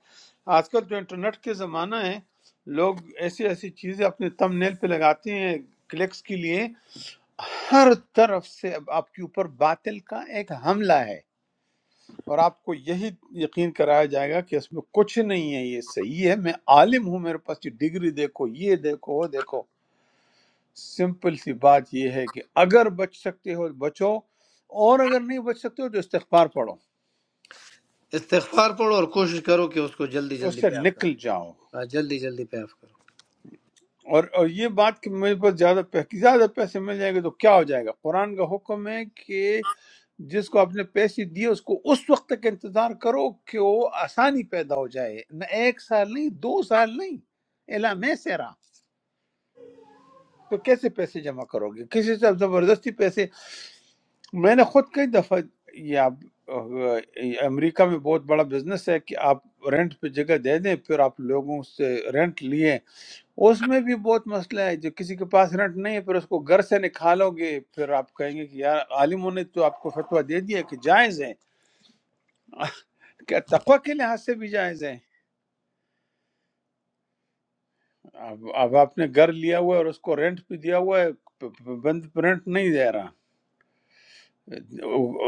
آج کل جو انٹرنیٹ کے زمانہ ہے لوگ ایسی ایسی چیزیں اپنے تم نیل پہ لگاتے ہیں کلکس کے لیے ہر طرف سے اب آپ کے اوپر باطل کا ایک حملہ ہے اور آپ کو یہی یقین کرایا جائے گا کہ اس میں کچھ نہیں ہے یہ صحیح ہے میں عالم ہوں میرے پاس یہ ڈگری دیکھو یہ دیکھو وہ دیکھو سمپل سی بات یہ ہے کہ اگر بچ سکتے ہو بچو اور اگر نہیں بچ سکتے ہو تو استغفار پڑھو استغفار پڑھو اور کوشش کرو کہ اس کو جلدی اس جلدی سے پے آف نکل کرو جاؤ ہاں، جلدی جلدی پے آف کرو اور اور یہ بات کہ میرے پاس زیادہ پیسے زیادہ پیسے مل جائیں گے تو کیا ہو جائے گا قرآن کا حکم ہے کہ جس کو آپ نے پیسے دیے اس کو اس وقت تک انتظار کرو کہ وہ آسانی پیدا ہو جائے نہ ایک سال نہیں دو سال نہیں الا میں سے تو کیسے پیسے جمع کرو گے کسی سے آپ زبردستی پیسے میں نے خود کئی دفعہ یہ آپ یہ امریکہ میں بہت بڑا بزنس ہے کہ آپ رینٹ پہ جگہ دے دیں پھر آپ لوگوں سے رینٹ لیے اس میں بھی بہت مسئلہ ہے جو کسی کے پاس رینٹ نہیں ہے پھر اس کو گھر سے نکالو گے پھر آپ کہیں گے کہ یار عالموں نے تو آپ کو فتویٰ دے دیا کہ جائز ہے کیا تقوی کے لحاظ سے بھی جائز ہے اب اب آپ نے گھر لیا ہوا ہے اور اس کو رینٹ پہ دیا ہوا ہے پ- پ- بند رینٹ نہیں دے رہا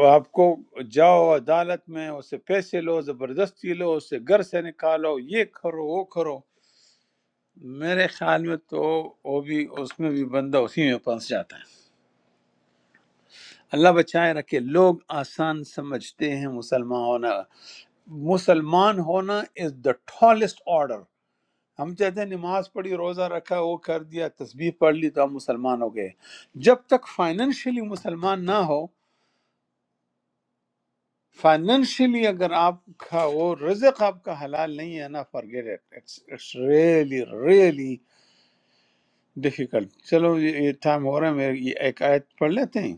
آپ کو جاؤ عدالت میں اس سے پیسے لو زبردستی لو اس سے گھر سے نکالو یہ کرو وہ کرو میرے خیال میں تو وہ بھی اس میں بھی بندہ اسی میں پھنس جاتا ہے اللہ بچائے رکھے لوگ آسان سمجھتے ہیں مسلمان ہونا مسلمان ہونا از دا ٹالسٹ آرڈر ہم کہتے ہیں نماز پڑھی روزہ رکھا وہ کر دیا تسبیح پڑھ لی تو ہم مسلمان ہو گئے جب تک فائنینشلی مسلمان نہ ہو فائنینشلی اگر آپ کا وہ رزق آپ کا حلال نہیں ہے نا forget it it's it's really really difficult چلو یہ یہ ٹائم ہو رہا ہے میں یہ ایک آیت پڑھ لیتے ہیں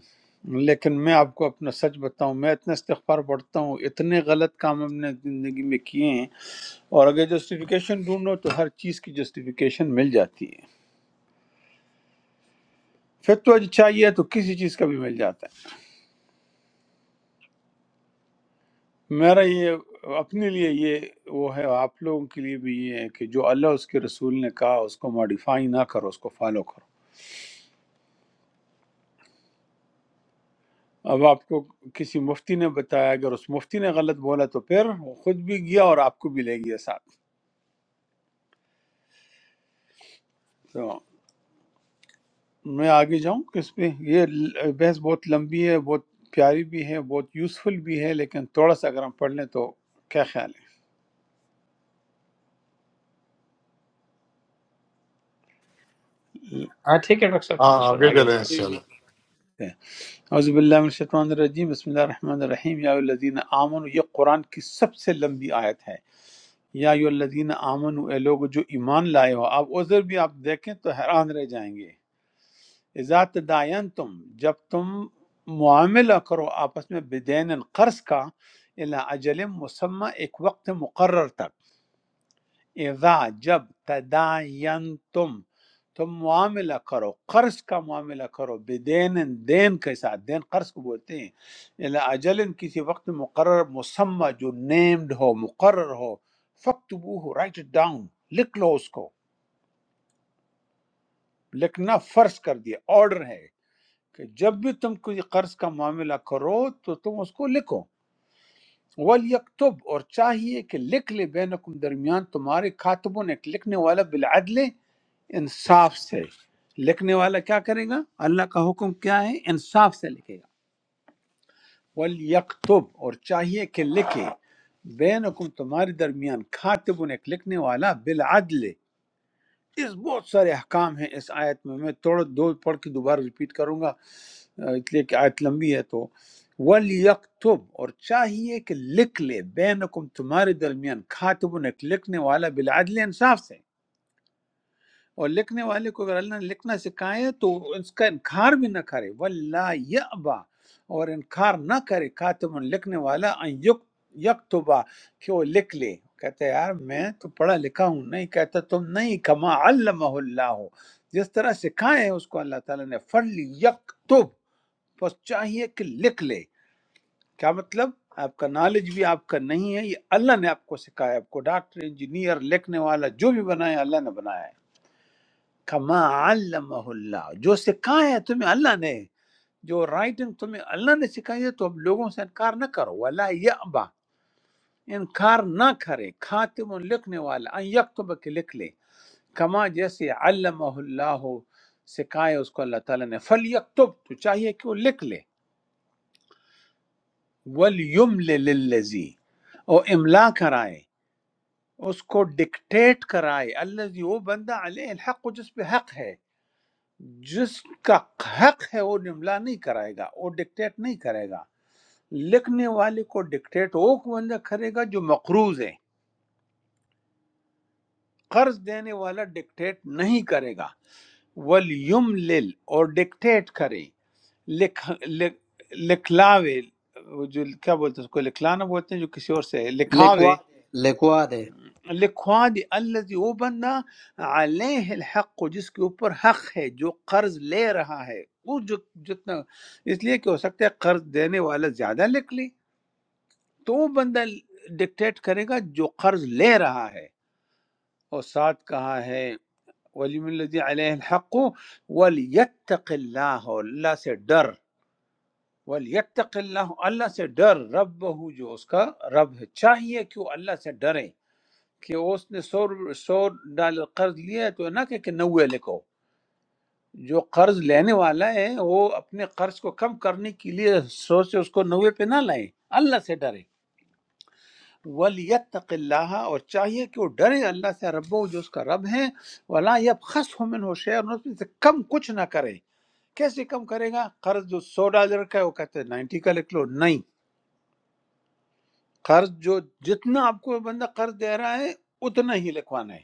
لیکن میں آپ کو اپنا سچ بتاؤں میں اتنا استغفار پڑھتا ہوں اتنے غلط کام ہم نے زندگی میں کیے ہیں اور اگر جسٹیفیکیشن ڈھونڈو تو ہر چیز کی جسٹیفیکیشن مل جاتی ہے فتویٰ جو چاہیے تو کسی چیز کا بھی مل جاتا ہے میرا یہ اپنے لیے یہ وہ ہے آپ لوگوں کے لیے بھی یہ ہے کہ جو اللہ اس کے رسول نے کہا اس کو ماڈیفائی نہ کرو اس کو فالو کرو اب آپ کو کسی مفتی نے بتایا اگر اس مفتی نے غلط بولا تو پھر وہ خود بھی گیا اور آپ کو بھی لے گیا ساتھ تو میں آگے جاؤں کس پہ یہ ل- بحث بہت لمبی ہے بہت پیاری بھی ہے بہت یوزفل بھی ہے لیکن تھوڑا سا اگر ہم پڑھ لیں تو کیا خیال ہاں ٹھیک ہے ڈاکٹر صاحب ہاں انشاءاللہ آگے آگے چلیں بڑھ جی ان جی ہے اعوذ باللہ من الشیطان الرجیم بسم اللہ الرحمن الرحیم یا الذین آمنوا یہ قرآن کی سب سے لمبی آیت ہے یا ایو الذین آمنو اے لوگ جو ایمان لائے ہو اب عذر بھی آپ دیکھیں تو حیران رہ جائیں گے اذا تداین تم جب تم معاملہ کرو آپس میں بدین قرض کا الا اجل مسمع ایک وقت مقرر تک اذا جب تداین تم تم معاملہ کرو قرض کا معاملہ کرو بدین دین کے ساتھ دین قرض کو بولتے ہیں الا اجل کسی وقت مقرر مسمہ جو نیمڈ ہو مقرر ہو فکتبوہ رائٹ اٹ ڈاؤن لکھ لو اس کو لکھنا فرض کر دیا آرڈر ہے کہ جب بھی تم کوئی قرض کا معاملہ کرو تو تم اس کو لکھو وَلْيَكْتُبْ اور چاہیے کہ لکھ لے بینکم درمیان تمہارے کاتبوں نے ایک لکھنے والا بالعدل انصاف سے لکھنے والا کیا کرے گا اللہ کا حکم کیا ہے انصاف سے لکھے گا وَلْيَكْتُبْ اور چاہیے کہ لکھے بینکم تمہارے درمیان کاتب ایک لکھنے والا بالعدل اس بہت سارے احکام ہیں اس آیت میں میں توڑ دو پڑھ کے دوبارہ ریپیٹ کروں گا آ، اس لیے کہ آیت لمبی ہے تو وَلْيَكْتُبْ اور چاہیے کہ لکھ لے بینکم تمہارے درمیان کاتب ایک لکھنے والا بالعدل انصاف سے اور لکھنے والے کو اگر اللہ نے لکھنا سکھایا تو اس کا انکار بھی نہ کرے ولا یأبا اور انکار نہ کرے کاتب لکھنے والا ان یک- یکتبا کہ وہ لکھ لے کہتا ہے یار میں تو پڑھا لکھا ہوں نہیں کہتا تم نہیں کما علمہ اللہ جس طرح سکھایا ہے اس کو اللہ تعالیٰ نے فل یکتب بس چاہیے کہ لکھ لے کیا مطلب آپ کا نالج بھی آپ کا نہیں ہے یہ اللہ نے آپ کو سکھایا آپ کو ڈاکٹر انجینئر لکھنے والا جو بھی بنایا اللہ نے بنایا ہے کما علمہ اللہ جو سکھایا ہے تمہیں اللہ نے جو رائٹنگ تمہیں اللہ نے سکھائی ہے تو اب لوگوں سے انکار نہ کرو ولا یعبا انکار نہ کرے خاتم لکھنے والا ان یکتب کے لکھ لے کما جیسے علمہ اللہ سکھایا اس کو اللہ تعالیٰ نے فل یکتب تو چاہیے کہ وہ لکھ لے ولیم للذی اور املا کرائے اس کو ڈکٹیٹ کرائے الذی وہ بندہ علیہ الحق جس پہ حق ہے جس کا حق ہے وہ املا نہیں کرائے گا وہ ڈکٹیٹ نہیں کرے گا لکھنے والے کو ڈکٹیٹ وہ بندہ کرے گا جو مقروض ہے قرض دینے والا ڈکٹیٹ نہیں کرے گا ولیم لل اور ڈکٹیٹ کرے لکھ لکھ- لکھلاوے وہ جو کیا بولتے ہیں اس کو لکھلانا بولتے ہیں جو کسی اور سے ہے، لکھاوے لکھوا دے لکھوا دے لکھوا دی الذی وہ بندہ علیہ الحق جس کے اوپر حق ہے جو قرض لے رہا ہے وہ جو جتنا اس لیے کہ ہو سکتا ہے قرض دینے والا زیادہ لکھ لے تو وہ بندہ ڈکٹیٹ کرے گا جو قرض لے رہا ہے اور ساتھ کہا ہے ولیم الذی علیہ الحق ولیتق اللہ اور اللہ سے ڈر ولیتق اللہ اللہ سے ڈر رب جو اس کا رب ہے چاہیے کہ وہ اللہ سے ڈرے کہ اس نے سو سو ڈالر قرض لیا ہے تو نہ کہ کہ نوے لکھو جو قرض لینے والا ہے وہ اپنے قرض کو کم کرنے کے لیے سو سے اس کو نوے پہ نہ لائیں اللہ سے ڈرے ولیتق اللہ اور چاہیے کہ وہ ڈرے اللہ سے رب جو اس کا رب ہے ولا یب خس من ہو شعر اس میں سے کم کچھ نہ کرے کیسے کم کرے گا قرض جو سو ڈالر کا ہے وہ کہتے ہیں نائنٹی کا لکھ لو نہیں قرض جو جتنا آپ کو بندہ قرض دے رہا ہے اتنا ہی لکھوانا ہے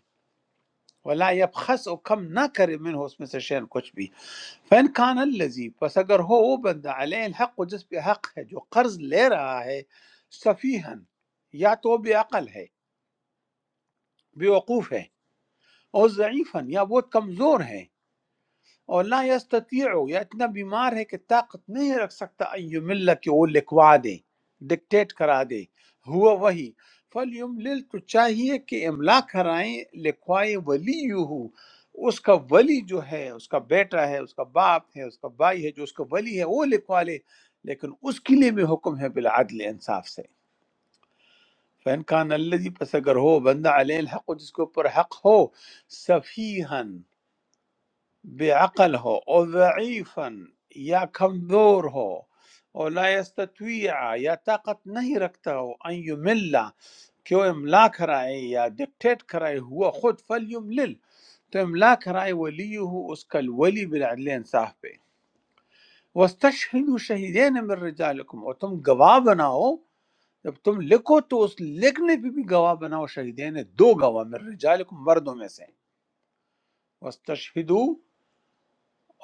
ولا يبخس او کم نہ کرے من ہو اس میں سے شین کچھ بھی فن کان الذی پس اگر ہو وہ بندہ علیہ الحق و جس پہ حق ہے جو قرض لے رہا ہے سفیہن یا تو بے عقل ہے بے وقوف ہے اور ضعیفن یا بہت کمزور ہے اور لا یستطیع یا اتنا بیمار ہے کہ طاقت نہیں رکھ سکتا ایوم اللہ کہ وہ لکھوا دے ڈکٹیٹ کرا دے ہوا وہی فلیملل تو چاہیے کہ املا کرائیں لکھوائے ولی ہو اس کا ولی جو ہے اس کا بیٹا ہے اس کا باپ ہے اس کا بھائی ہے جو اس کا ولی ہے وہ لکھوا لے لیکن اس کے لیے بھی حکم ہے بالعدل انصاف سے فین کان اللہ پس اگر ہو بندہ علیہ الحق جس کے اوپر حق ہو صفیحن بعقله وضعيفا يا كمزور هو ولا يستطيع يا طاقت नहीं रखता हो أن يمل क्यों इमला कराए या डिक्टेट कराए हुआ खुद फल युमलिल तो इमला कराए वली हो उसका वली बिलअदल इंसाफ पे वस्तशहिदु शहीदैन मिन रिजालिकुम और तुम गवाह बनाओ जब तुम लिखो तो उस लिखने पे भी गवाह बनाओ शहीदैन दो गवाह मिन रिजालिकुम मर्दों में से वस्तशहिदू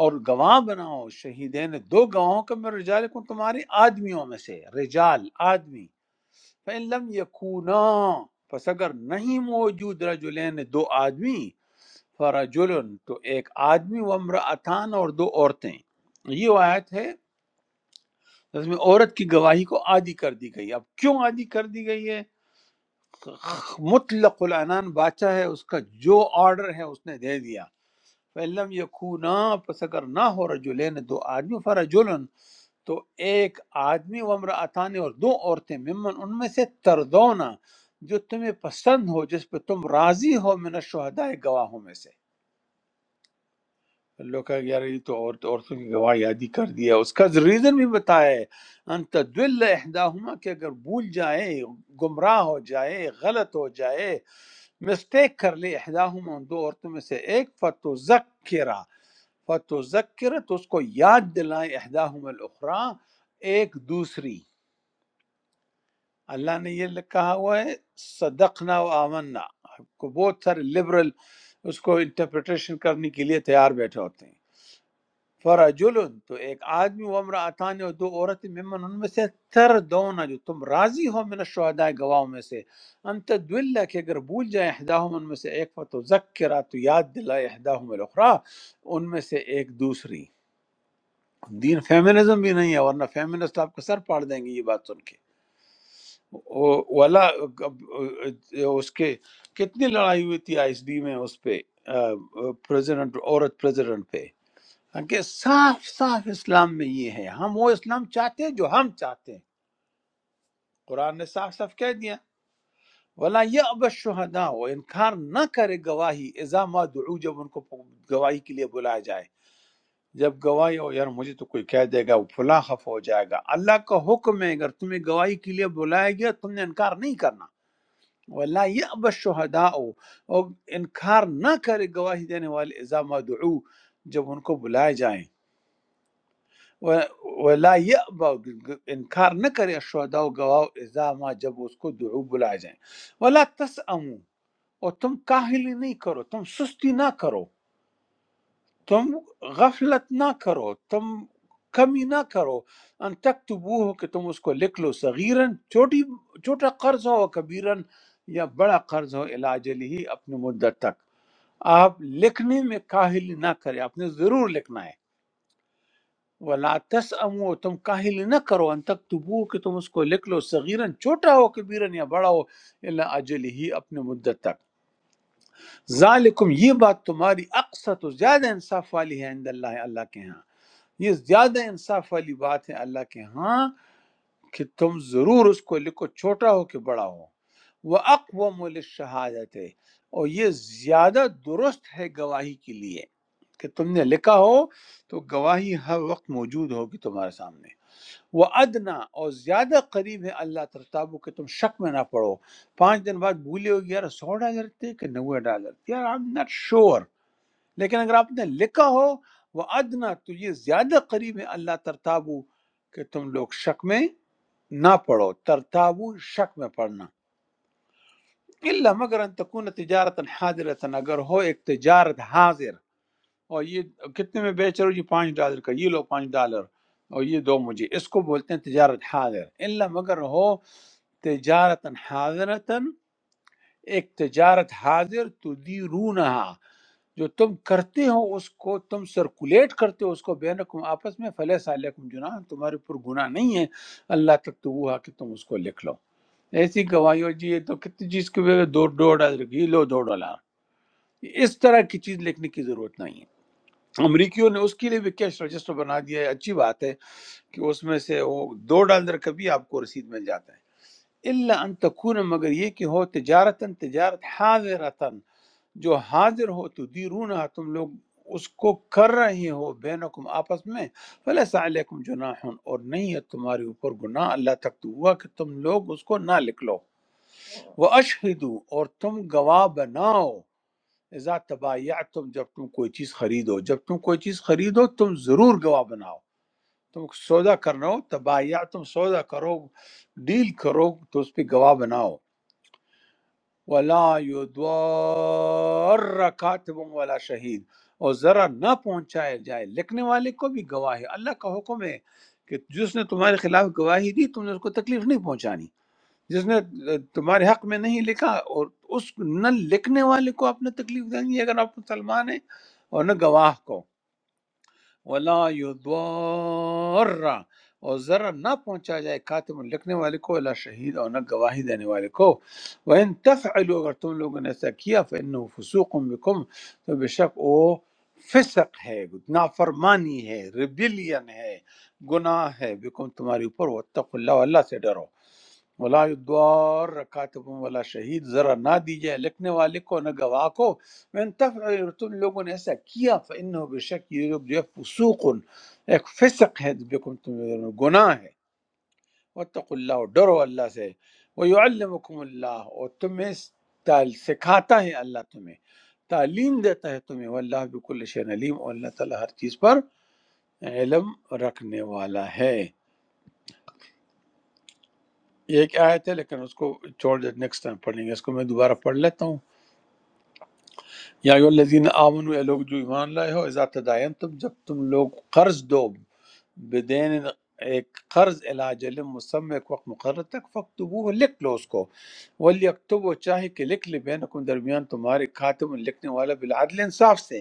اور گواہ بناؤ شہیدین دو گواہوں کا میں رجالکم تمہارے آدمیوں میں سے رجال آدمی فَإِن لَمْ يَكُونَا پس اگر نہیں موجود رجلین دو آدمی فرجلن تو ایک آدمی وامرأتان اور دو عورتیں یہ آیت ہے اس میں عورت کی گواہی کو عادی کر دی گئی اب کیوں عادی کر دی گئی ہے مطلق العنان بادشاہ ہے اس کا جو آرڈر ہے اس نے دے دیا فَإِلَّمْ يَكُونَا پس اگر نہ ہو رجلین دو آدمی فرجلن تو ایک آدمی و امرأتان اور دو عورتیں ممن ان میں سے تردونا جو تمہیں پسند ہو جس پہ تم راضی ہو من الشہداء گواہوں میں سے لوگ کہا یار یہ تو عورت عورتوں کی گواہ یادی کر دیا اس کا ریزن بھی بتایا ہے ان تدل احداہما کہ اگر بھول جائے گمراہ ہو جائے غلط ہو جائے مسٹیک کر لے احداہما ان دو عورتوں میں سے ایک فتذکرہ فتذکرہ تو اس کو یاد دلائے احداہما الاخری ایک دوسری اللہ نے یہ کہا ہوا ہے صدقنا و آمنا کو بہت سارے لبرل اس کو انٹرپریٹیشن کرنے کے لیے تیار بیٹھے ہوتے ہیں فرجل تو ایک آدمی و امرأتان اور دو عورتیں ممن ان میں سے تر دونا جو تم راضی ہو من الشہداء گواہوں میں سے انت دلہ کہ اگر بھول جائے احداہم ان میں سے ایک فتو ذکرہ تو یاد دلائے احداہم الاخری ان میں سے ایک دوسری دین فیمنزم بھی نہیں ہے ورنہ فیمنسٹ آپ کا سر پاڑ دیں گے یہ بات سن کے وہ- ولا اس کے کتنی لڑائی ہوئی تھی آئی ایس ڈی میں اس پہ پریزیڈنٹ عورت پریزیڈنٹ پہ کہ صاف صاف اسلام میں یہ ہے ہم وہ اسلام چاہتے ہیں جو ہم چاہتے ہیں قرآن نے صاف صاف کہہ دیا ولا يأب الشهداء وہ انکار نہ کرے گواہی اذا ما دعو جب ان کو گواہی کے لیے بلایا جائے جب گواہی ہو یار مجھے تو کوئی کہہ دے گا وہ فلاں خف ہو جائے گا اللہ کا حکم ہے اگر تمہیں گواہی کے لیے بلایا گیا تم نے انکار نہیں کرنا ولا يأب الشهداء اور انکار نہ کرے گواہی دینے والے اذا ما دعو جب ان کو بلایا جائیں و- ولا یأبا انکار نہ کرے شہداء و گواہ اذا ما جب اس کو دعو بلائے جائیں ولا تسأمو اور تم کاہلی نہیں کرو تم سستی نہ کرو تم غفلت نہ کرو تم کمی نہ کرو ان تکتبوہ ہو کہ تم اس کو لکھ لو صغیرن چھوٹی چھوٹا قرض ہو کبیرن یا بڑا قرض ہو علاج ہی اپنی مدت تک آپ لکھنے میں کاہلی نہ کریں آپ نے ضرور لکھنا ہے ولا تسأمو تم کاہلی نہ کرو ان تک تبو کہ تم اس کو لکھ لو صغیرن چھوٹا ہو کبیرن یا بڑا ہو الا اجل ہی اپنے مدت تک ذالکم یہ بات تمہاری اقسط و زیادہ انصاف والی ہے عند اللہ اللہ کے ہاں یہ زیادہ انصاف والی بات ہے اللہ کے ہاں کہ تم ضرور اس کو لکھو چھوٹا ہو کہ بڑا ہو وہ اقوام للشہادت ہے اور یہ زیادہ درست ہے گواہی کے لیے کہ تم نے لکھا ہو تو گواہی ہر وقت موجود ہوگی تمہارے سامنے وہ ادنا اور زیادہ قریب ہے اللہ ترتابو کہ تم شک میں نہ پڑو پانچ دن بعد بھولے ہو یار سو ڈالر تھے کہ نوے ڈالر تھے یار آئی ایم ناٹ شیور لیکن اگر آپ نے لکھا ہو وہ ادنا تو یہ زیادہ قریب ہے اللہ ترتابو کہ تم لوگ شک میں نہ پڑو ترتابو شک میں پڑنا اللہ مگر ان تکون تجارت حاضرتن اگر ہو ایک تجارت حاضر اور یہ کتنے میں بیچ رہے ہو جی پانچ ڈالر کا یہ لو پانچ ڈالر اور یہ دو مجھے اس کو بولتے ہیں تجارت حاضر اللہ مگر ہو تجارت حاضرتن ایک تجارت حاضر تدیرونہا جو تم کرتے ہو اس کو تم سرکولیٹ کرتے ہو اس کو بینکم آپس میں فلیس علیکم جناح تمہارے پر گناہ نہیں ہے اللہ تک تو وہ ہے کہ تم اس کو لکھ لو ایسی گواہی ہو جی یہ تو کتنی چیز کے بغیر دو دو ڈالر کی یہ لو دو ڈالر اس طرح کی چیز لکھنے کی ضرورت نہیں ہے امریکیوں نے اس کے لیے بھی کیش رجسٹر بنا دیا ہے اچھی بات ہے کہ اس میں سے وہ دو ڈالر کا بھی آپ کو رسید مل جاتا ہے الا ان تکون مگر یہ کہ ہو تجارتن تجارت حاضرتن جو حاضر ہو تو دیرونہ تم لوگ اس کو کر رہے ہو بینکم آپس میں فلیس علیکم جناح اور نہیں ہے تمہارے اوپر گناہ اللہ تک تو ہوا کہ تم لوگ اس کو نہ لکھ لو وہ اشہدو، اور تم گواہ بناؤ اذا تبایعتم جب تم کوئی چیز خریدو جب تم کوئی چیز خریدو تم ضرور گواہ بناؤ تم سودا کرنا ہو تبایعتم سودا کرو ڈیل کرو تو اس پہ گواہ بناؤ ولا یضار کاتب ولا شہید اور ذرا نہ پہنچایا جائے لکھنے والے کو بھی گواہ ہے اللہ کا حکم ہے کہ جس نے تمہارے خلاف گواہی دی تم نے اس کو تکلیف نہیں پہنچانی جس نے تمہارے حق میں نہیں لکھا اور اس نہ لکھنے والے کو آپ نے تکلیف دیں گے اگر آپ مسلمان ہیں اور نہ گواہ کو ولا یضار اور ذرا نہ پہنچا جائے کاتب لکھنے والے کو اللہ شہید اور نہ گواہی دینے والے کو وَإِن تفعلوا اگر تم لوگوں نے ایسا کیا فَإِنَّهُ فُسُوقٌ بِكُمْ تو بے شک وہ فسق ہے نافرمانی ہے ریبیلین ہے گناہ ہے بِكُمْ تمہارے اوپر وَاتَّقُوا اللَّهَ اللہ سے ڈرو ولا یدوار رکاتب ولا شہید ذرا نہ دی جائے لکھنے والے کو نہ گواہ کو من تفعل اگر تم لوگوں نے ایسا کیا فإنه بشک یہ لوگ جو ہے فسوق ایک فسق ہے بکم تم لوگوں میں گناہ ہے واتقوا اللہ اور ڈرو اللہ سے ویعلمکم اللہ اور تمہیں تعل- سکھاتا ہے اللہ تمہیں تعلیم دیتا ہے تمہیں واللہ بکل شیء علیم اور اللہ تعالی ہر چیز پر علم رکھنے والا ہے یہ ایک آیت ہے لیکن اس کو چھوڑ دے نیکسٹ ٹائم پڑھ لیں گے اس کو میں دوبارہ پڑھ لیتا ہوں Yani olar zinde âmanu elok, çoğu imanlayo. Ezer tadayen, tabi, tabi tüm loğu kârız doğ. بدین ایک قرض علاج علم مسمع ایک وقت مقرر تک فکتبو لکھ لو اس کو ولی اکتب وہ چاہے کہ لکھ لے بین درمیان تمہارے کاتب لکھنے والا بالعدل انصاف سے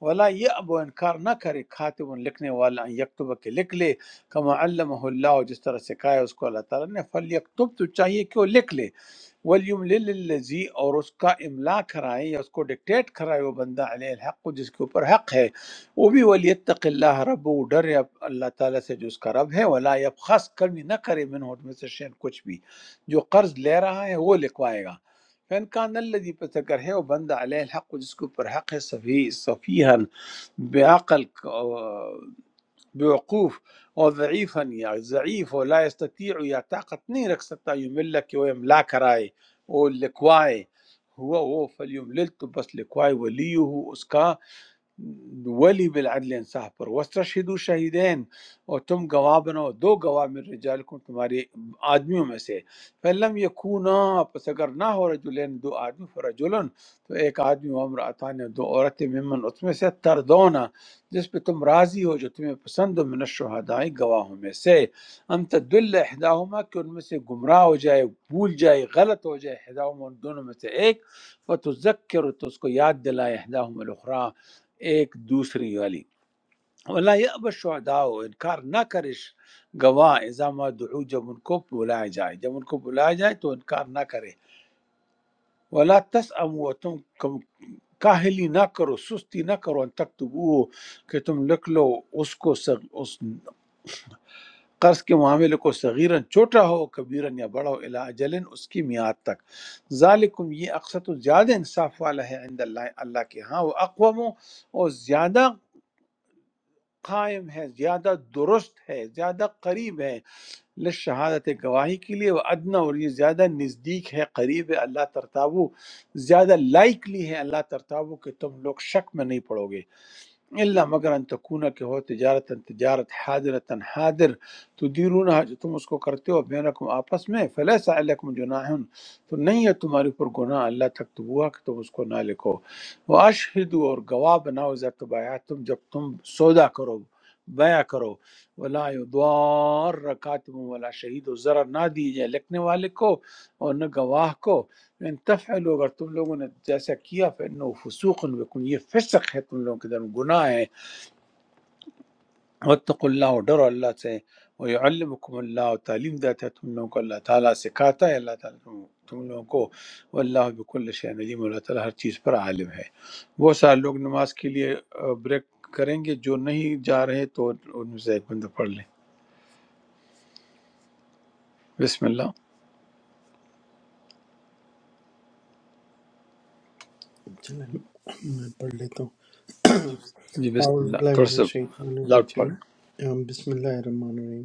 ولا یہ اب انکار نہ کرے کاتب لکھنے والا ان یکتب کے لکھ لے کما علمہ اللہ جس طرح سکھایا اس کو اللہ تعالیٰ نے فل یکتب تو چاہیے کہ وہ لکھ لے ولیم للذی اور اس کا املا کرائے یا اس کو ڈکٹیٹ کرائے وہ بندہ علیہ الحق جس کے اوپر حق ہے वो भी वलियतक अल्लाह रब वो डरे अब अल्लाह ताला से जो उसका रब है वला यबखस कमी न करे मिन होट में से शेन कुछ भी जो कर्ज ले रहा है वो लिखवाएगा फैन कान अल्लजी पस अगर है वो बंदा अलैह हक जिसके ऊपर हक है सभी सफीहन बेअकल बेवकूफ और ज़ईफ़न या ज़ईफ़ हो ला यस्ततीअ या ताकत नहीं रख सकता युमिल्ला कि वो इमला कराए वो लिखवाए हुआ वो फल युमलिल तो बस लिखवाए वली उसका ولي بالعدل इंसाफ पर वस्तशहिदु शहीदैन और तुम गवाह बनो दो गवाह मिन रिजालकुम तुम्हारे आदमियों में से फलम यकूना पस अगर ना हो रजुलन दो आदमी फरजुलन तो एक आदमी वमरातान दो औरतें मिमन उसमें से तरदोना जिस पे तुम राजी हो जो तुम्हें पसंद हो मिन शुहदाई गवाहों में से हम तदल इहदाहुमा कि उनमें से गुमराह हो जाए भूल जाए गलत हो जाए इहदाहुमा उन दोनों में से एक फतजक्कर तो उसको याद दिलाए इहदाहुमा अलखरा ایک دوسری والی ولا یأب الشہداء انکار نہ کرش گواہ اذا ما دعو جب ان کو بلایا جائے جب ان کو بلایا جائے تو انکار نہ کرے ولا تسأم و تم کم کاہلی نہ کرو سستی نہ کرو ان تکتبو کہ تم لکھ لو اس کو سغ... اس قرض کے معاملے کو صغیرن چھوٹا ہو کبیرن یا بڑا ہو الا اجلن اس کی میعاد تک ذالکم یہ اقسط زیادہ انصاف والا ہے عند اللہ اللہ کے ہاں وہ اقوام اور زیادہ قائم ہے زیادہ درست ہے زیادہ قریب ہے لشہادت گواہی کے لیے وہ ادنا اور یہ زیادہ نزدیک ہے قریب ہے اللہ ترتابو زیادہ لائکلی ہے اللہ ترتابو کہ تم لوگ شک میں نہیں پڑو گے اللہ مگر ان تکونا کہ ہو تجارت تجارت حاضرۃ حاضر تدیرون جو تم اس کو کرتے ہو بینکم آپس میں فلیسا علیکم جناح تو نہیں ہے تمہارے اوپر گناہ اللہ تک تبوا کہ تم اس کو نہ لکھو وہ اور گواہ بناؤ اذا تم جب تم سودا کرو بیع کرو ولا یضار رکاتب ولا شہید و ضرر نہ دیے جائے لکھنے والے کو اور نہ گواہ کو ان تفعلوا اگر تم لوگوں نے جیسا کیا فإنه فسوق بكم یہ فسق ہے تم لوگوں کے درمیان گناہ ہے واتقوا اللہ اور ڈرو اللہ سے ویعلمکم اللہ تعلیم دیتا ہے تم لوگوں کو اللہ تعالیٰ سکھاتا ہے اللہ تعالیٰ تم تم لوگوں کو واللہ بكل شيء علیم اللہ تعالیٰ ہر چیز پر عالم ہے بہت سارے لوگ نماز کے لیے آ، بریک کریں گے جو نہیں جا رہے تو ان میں سے ایک بندہ پڑھ لیں بسم اللہ چلیں میں پڑھ لیتا ہوں جی بسم اعوذ اللہ باللہ تھوڑا من سا الشیطان لاؤڈ پڑھ الرجیم ام، بسم اللہ الرحمن الرحیم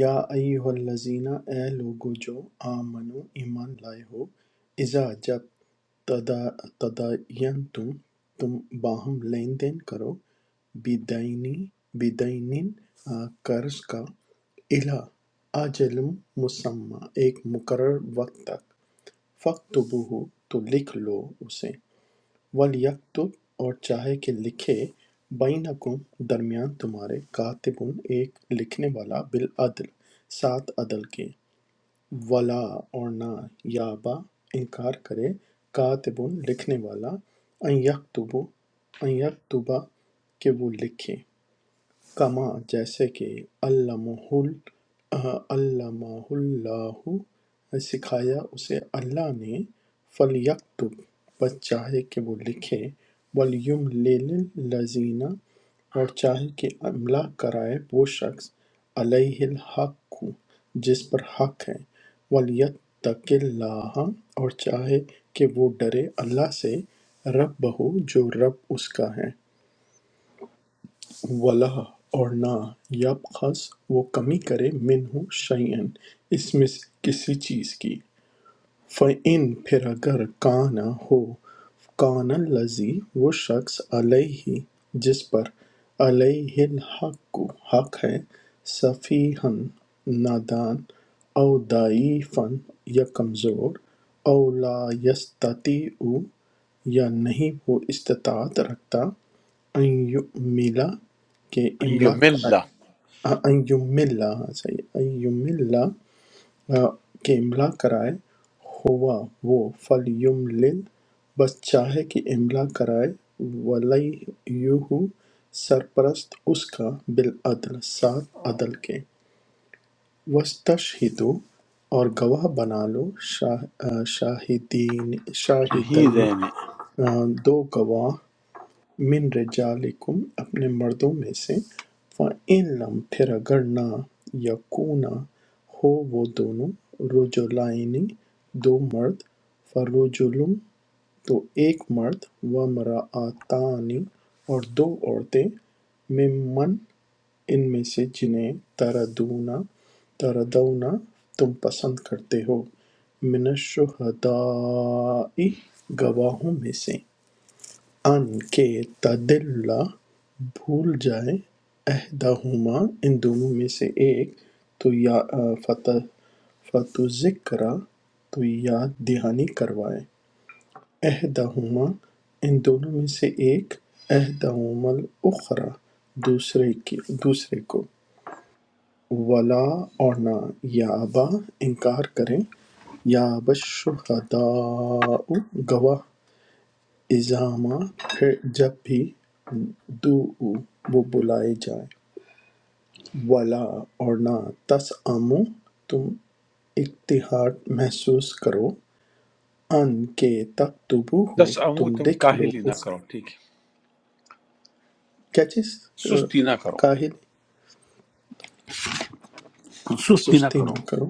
یا ایہا الذین اے لوگو جو آمنو ایمان لائے ہو اذا جب تدا تدین تم تم باہم لین دین کرو بدینی بدینین آ، قرض کا الہ اجل مسمع ایک مقرر وقت تک فقط تو لکھ لو اسے وَلْیَکتب اور چاہے کہ لکھے بَینَکُم درمیان تمہارے کاتبٌ ایک لکھنے والا بالعدل ساتھ عدل کے وَلا اور نہ یَأْبَ انکار کرے کاتبٌ لکھنے والا ان یکتب ان یکتب کہ وہ لکھے کما جیسے کہ علّمہ علّمہ اللہ سکھایا اسے اللہ نے فلیکتب بس چاہے کہ وہ لکھے ولیم للذین اور چاہے کہ املا کرائے وہ شخص علیہ الحق جس پر حق ہے ولیتق اللہ اور چاہے کہ وہ ڈرے اللہ سے رب بہو جو رب اس کا ہے وَلَا اور نہ یبخس وہ کمی کرے منہ شیئن اس میں سے کسی چیز کی فَإِنْ پھر اگر کان ہو کان الذی وہ شخص علیہ جس پر علیہ الحق حق ہے صفیحن نادان او ضعیفن یا کمزور او لا یستطیع یا نہیں وہ استطاعت رکھتا ان یؤملا کہ املا یمل کرائے ان یملا صحیح ان یملا کہ املا کرائے ہوا وہ فلیملل بس چاہے کہ املا کرائے ولیہو سرپرست اس کا بالعدل ساتھ عدل کے وَاسْتَشْهِدُوا اور گواہ بنا لو شاہ- آ، شاہدین ہی شاہدین دین آ، دو گواہ من رجالکم اپنے مردوں میں سے فَإِن لَم پھر اگر نہ یکونا ہو وہ دونوں رجلائنی دو مرد فرجلم تو ایک مرد و مرآتانی اور دو عورتیں ممن ان میں سے جنہیں تردونا تردونا تم پسند کرتے ہو من الشہداء گواہوں میں سے ان کہ تدلّا بھول جائے احدہما ان دونوں میں سے ایک تو یا فت- فتذکرہ تو یاد دہانی کروائے احدہما ان دونوں میں سے ایک احدہما الاخری دوسرے کی دوسرے کو ولا اور نہ یا ابا انکار کریں یا اب شہداء گواہ اِزامہ پھر جب بھی دُعُوا وہ بلائے جائیں وَلا اور نہ تَسْأَمُوا تم اقتحار محسوس کرو ان کے تکتبوہ تسعمو تم تم لکھ لو کاہلی نہ اس کرو ٹھیک ہے کیا چیز آ، سستی نہ کرو کاہل سستی نہ سستی کرو نہ کرو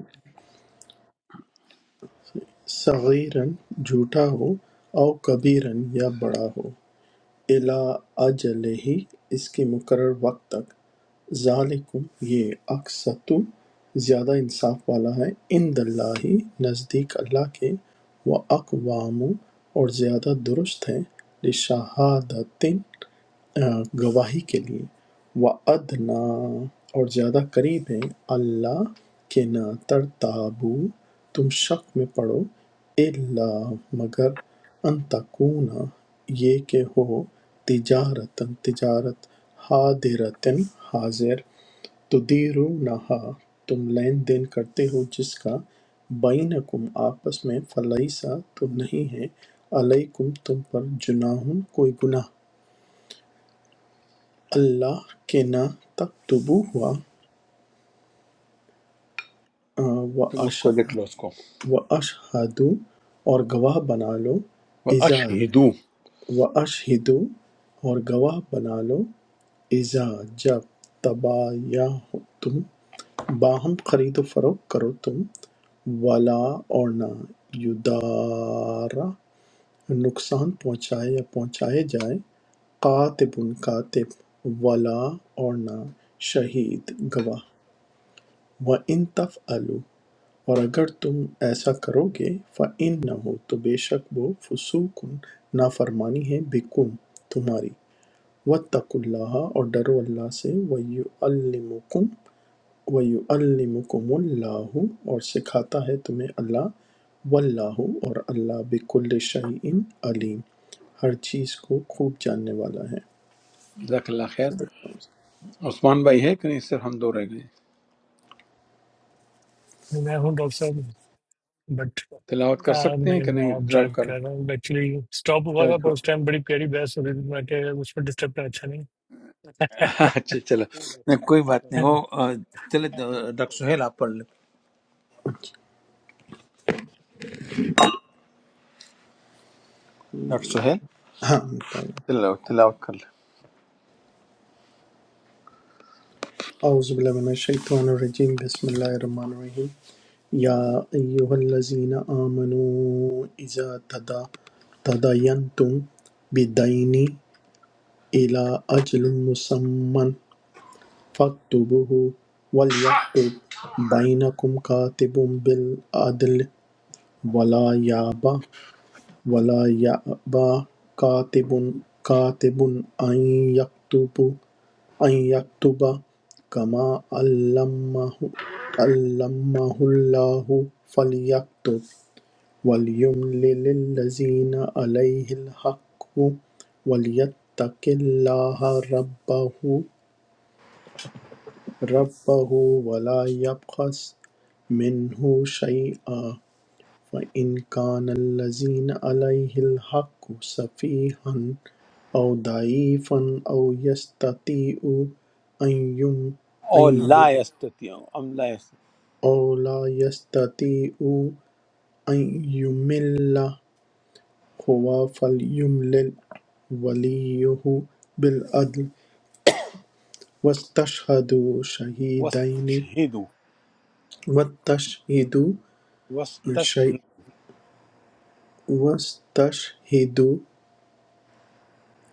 صغیرن جھوٹا ہو او کبیرن یا بڑا ہو الی اجلہ اس کے مقرر وقت تک ذالکم یہ اقسط زیادہ انصاف والا ہے عند اللہ نزدیک اللہ کے و اقوام اور زیادہ درست ہیں لشہادت آ، گواہی کے لیے وَأَدْنَا اور زیادہ قریب ہیں اللہ کے نہ ترتابو تم شک میں پڑو الا مگر ان تکون یہ کہ ہو تجارتن تجارت حاضرتن حاضر تدیرونہا تم لین دین کرتے ہو جس کا بینکم آپس میں فلیسا تو نہیں ہے علیکم تم پر جناح کوئی گناہ اللہ کے نہ تکتبو ہوا تم اس کو لکھ لو اس کو و اشہدو اور گواہ بنا لو اذا اشہدو و اشہدو اور گواہ بنا لو اذا جب تبایا ہو تم باہم خرید و فروخت کرو تم ولا اور نہ یدارا نقصان پہنچائے یا پہنچائے جائے قاتب کاتب ولا اور نہ شہید گواہ وَإِن تَفْعَلُوا اور اگر تم ایسا کرو گے فَإِنَّهُ تو بے شک وہ فسوقن نافرمانی ہے بکم تمہاری وَاتَّقُوا اللَّهَ اور ڈرو اللہ سے وَيُعَلِّمُكُمْ وَيُعَلِّمُكُمُ اللَّهُ اور سکھاتا ہے تمہیں اللہ واللہ اور اللہ بکل شیء علیم ہر چیز کو خوب جاننے والا ہے جزاک اللہ خیر عثمان بھائی ہیں کہ نہیں صرف ہم دو رہ گئے मैं हूँ डॉक्टर साहब बट تلاوت کر आ, سکتے ہیں کہ نہیں मैं ڈرائیو ड्राइव کر कर रहा हूँ एक्चुअली स्टॉप हुआ چل چل۔ था पर جو- उस टाइम बड़ी प्यारी बहस हो रही थी मैं क्या उसमें डिस्टर्ब करना अच्छा नहीं اچھا چلو نہیں، کوئی بات نہیں وہ آ، چلے آ، ڈاکٹر سہیل آپ پڑھ لیں ڈاکٹر سہیل ہاں پڑھ لیں۔ چلو تلاوت کر لیں اعوذ باللہ من الشیطان الرجیم بسم اللہ الرحمن الرحیم يا أيها الذين آمنوا إذا تدا- تداينتم بدين إلى أجل مسمى فاكتبوه وليكتب بينكم كاتب بالعدل ولا يأبى ولا يأبى كاتب كاتب أن يكتب أن يكتب كما علمه علمه الله فليكتب وَلْيُمْلِلِ الَّذِينَ عَلَيْهِ الْحَقُّ وَلْيَتَّقِ اللَّهَ رَبَّهُ رَبَّهُ وَلَا يَبْخَسْ مِنْهُ شَيْئًا فَإِنْ كَانَ الَّذِينَ عَلَيْهِ الْحَقُّ سَفِيهًا أَوْ ضَعِيفًا أَوْ يَسْتَطِيعُ أَنْ يُمْ أن او لا ي- یستطیع ام لا یستطیع أو لا يستطيع أن يمل هو فليملل وليه بالعدل واستشهدوا شهيدين وستشہدو واستشهدوا شيء وستشہد واستشهدوا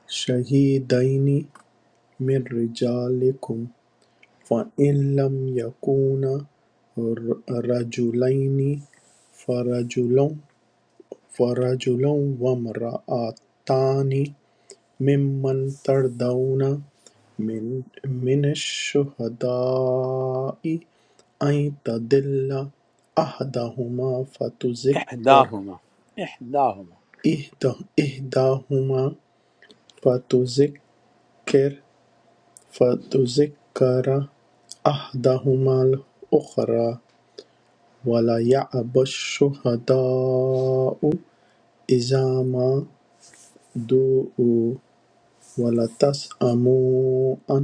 شهيدين من رجالكم فإن لم يكونا ر- رجلين فرجل فرجل وامرأتان ممن ترضون من من الشهداء أن تضل أحدهما فتذكر احداہما احداہما إحدى إحداهما فتذكر فتذكر أحدهما الأخرى ولا يأبى الشهداء إذا ما دعوا ولا تسأموا أن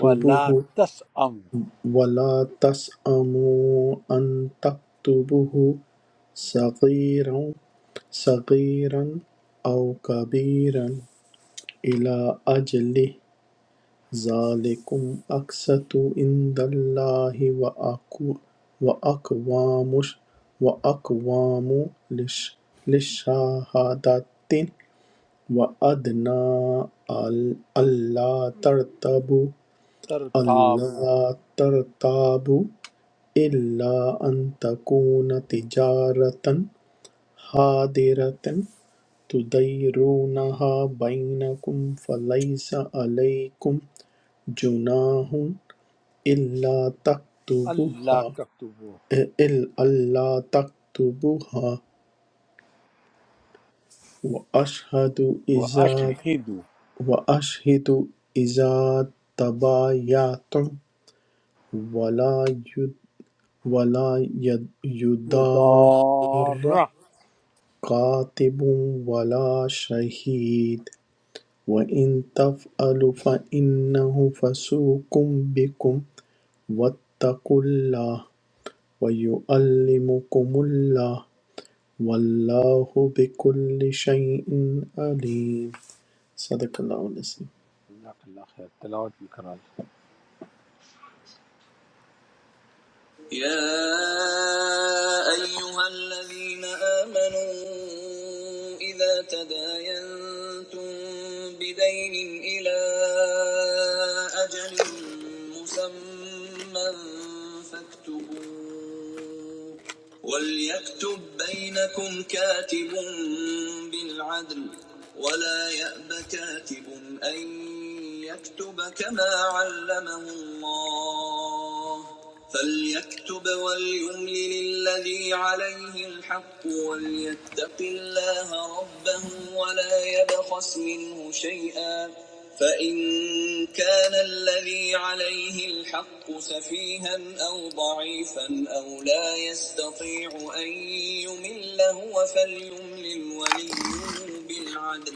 ولا تسعمو ولا تسأموا أن تكتبوه صغيرا صغيرا أو كبيرا إلى أجله ذلكم أقسط عند الله وأقو- وأقوام وأقوام للش- للشهادة وأدنى أل- ألا ترتابوا ترتابوا ألا ترتابوا إلا أن تكون تجارة حاضرة تديرونها بينكم فليس عليكم جناح إلا اللہ تكتبوها تکتبو إلا ألا تكتبوها وأشهد و إذا اشہدو وأشهد إذا تبايعتم ولا يد ولا يد يدار یدارہ كاتب ولا شهيد وإن تفعلوا فإنه فسوق بكم واتقوا الله ويعلمكم الله والله بكل شيء عليم صدق اللہ علیہ وسلم۔ اللہ اللہ خیر تلاوت بھی کرا لیں۔ يا أيها الذين آمنوا إذا تداينتم بدين إلى أجل مسمى فاكتبوه وليكتب بينكم كاتب بالعدل ولا يأب كاتب أن يكتب كما علمه الله فليكتب وليملل الذي عليه الحق وليتق الله ربه ولا يبخس منه شيئا فإن كان الذي عليه الحق سفيها أو ضعيفا أو لا يستطيع أن يمل هو فليملل وليه بالعدل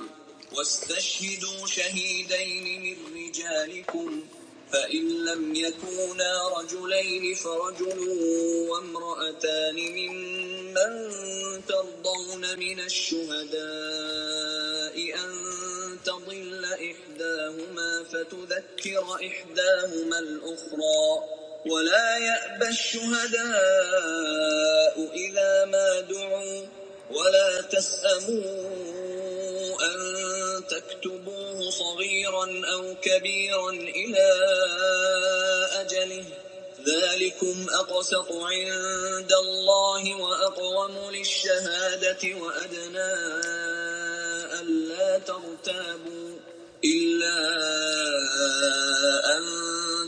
واستشهدوا شهيدين من رجالكم فإن لم يكونا رجلين فرجل وامرأتان ممن ترضون من الشهداء أن تضل إحداهما فتذكر إحداهما الأخرى ولا يأبى الشهداء إذا ما دعوا ولا تسأموا أن تكتبوه صغيرا أو كبيرا إلى أجله ذلكم أقسط عند الله وأقوم للشهادة وأدناه ألا ترتابوا إلا أن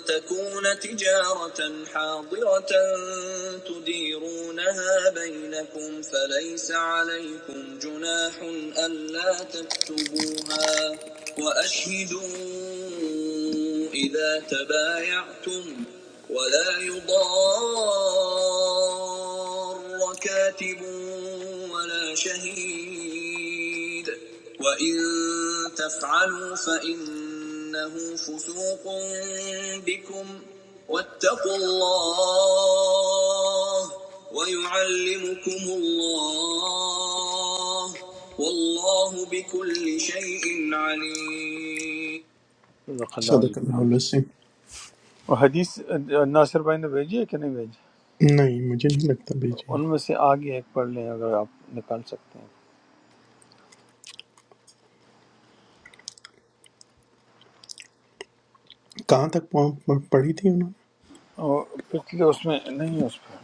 تكون تجارة حاضرة تديرونها بينكم فليس عليكم جناح ألا تكتبوها وأشهدوا إذا تبايعتم ولا يضار ضار كاتب ولا شهيد وإن تفعلوا فإنه فسوق بكم واتقوا الله ويعلمكم الله والله بكل شيء عليم صدق اللہ صدق علیہ अल्लाह وسلم العظيم اور حدیث ناصر بھائی نے بھیجی ہے کہ نہیں بھیجی नहीं मुझे नहीं लगता भेजी है ان میں سے آگے ایک پڑھ لیں اگر آپ نکال سکتے ہیں कहाँ तक पहुँ- पढ़ी थी उन्होंने اور پچھلے اس میں نہیں ہے اس پہ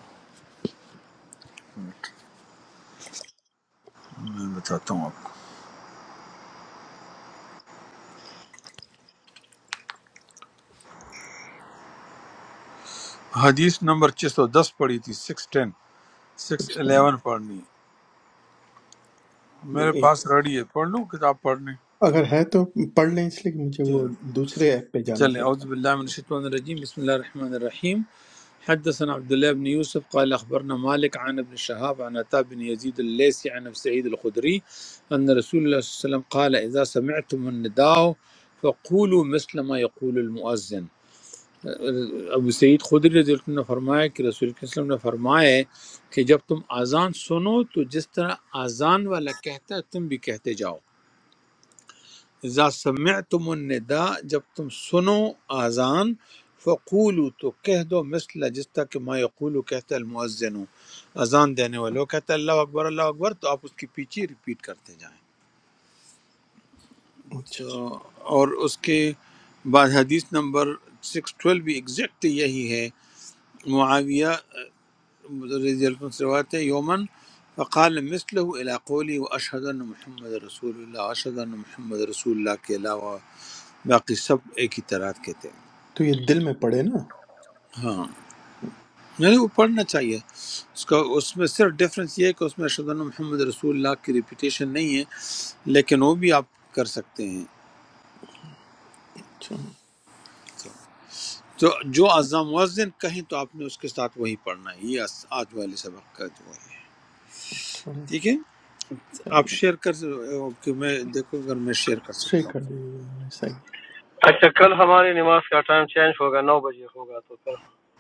میں بتاتا ہوں آپ کو حدیث نمبر 610 پڑھی تھی 610 सिक्स 611 پڑھنی ہے۔ میرے टाइम پاس ریڈی ہے پڑھ لوں کتاب پڑھنے اگر ہے تو پڑھ لیں اس لیے کہ مجھے وہ دوسرے ایپ پہ جانا چلیں پڑا ہے اعوذ باللہ من الشیطان الرجیم بسم اللہ الرحمن الرحیم حدثنا عبد الله بن يوسف قال أخبرنا مالك عن ابن شهاب عن عطاء بن يزيد الليثي عن أبي سعيد الخدري أن رسول الله صلى الله عليه وسلم قال إذا سمعتم النداء فقولوا مثل ما يقول المؤذن ابو سعید خدری رضی اللہ عنہ نے فرمایا کہ رسول اللہ صلی اللہ علیہ وسلم نے فرمایا ہے کہ جب تم اذان سنو تو جس طرح اذان والا کہتا ہے تم بھی کہتے جاؤ اذا سمعتم الندا جب تم سنو آزان فقولو تو کہہ دو مثل جس طرح کہ ما یقولو کہتا ہے المؤذن اذان دینے والے وہ کہتا ہے اللہ اکبر اللہ اکبر تو آپ اس کی پیچھے ریپیٹ کرتے جائیں اچھا تو اور اس کے بعد حدیث نمبر سکس ٹویلو بھی ایگزیکٹ یہی ہے معاویہ رضی اللہ عنہ سے روایت ہے یومن فقال مثله الى قولی و اشهد ان محمد رسول اللہ اشهد ان محمد رسول اللہ کے علاوہ باقی سب ایک ہی طرح کے تھے تو یہ دل میں پڑے نا ہاں نہیں وہ پڑھنا چاہیے اس کا اس میں صرف ڈفرینس یہ ہے کہ اس میں ارشد محمد رسول اللہ کی ریپیٹیشن نہیں ہے لیکن وہ بھی آپ کر سکتے ہیں اچھا تو جو جو اذان مؤذن کہیں تو آپ نے اس کے ساتھ وہی پڑھنا ہے یہ آس- آج والے سبق کا جو ہے تو ٹھیک ہے آپ چاہیے شیئر کر س- کہ میں دیکھو اگر میں شیئر کر شیئر سکتا ہوں کر دیجیے گا ایسا ہی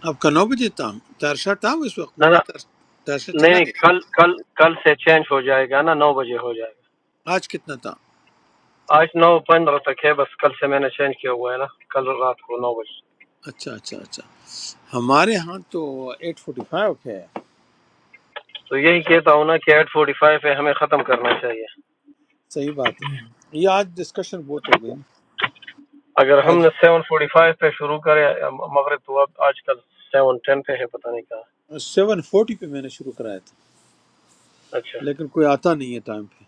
آپ کا نو بجے تھا ترشا تھا اس وقت نہ میں نہ کہا تر- ترشا نہیں چلا نہیں گیا کل کل کل سے چینج ہو جائے گا نا نو بجے ہو جائے آج کتنا تھا گا آج نو پندرہ تک ہے بس کل سے میں نے چینج کیا ہوا ہے نا کل رات کو نو بجے اچھا اچھا اچھا ہمارے ہاں تو ایٹ فورٹی فائیو ہے تو یہی کہتا ہوں نا کہ ایٹ فورٹی فائیو پہ ہمیں ختم کرنا چاہیے صحیح بات ہے ہوں۔ یہ آج ڈسکشن بہت ہو گئی نا اگر آج ہم نے سیون فورٹی فائیو پہ شروع کرے مغرب تو اب آج کل سیون ٹین پہ ہے پتہ نہیں کہاں سیون فورٹی پہ میں نے شروع کرایا تھا اچھا لیکن کوئی آتا نہیں ہے ٹائم پہ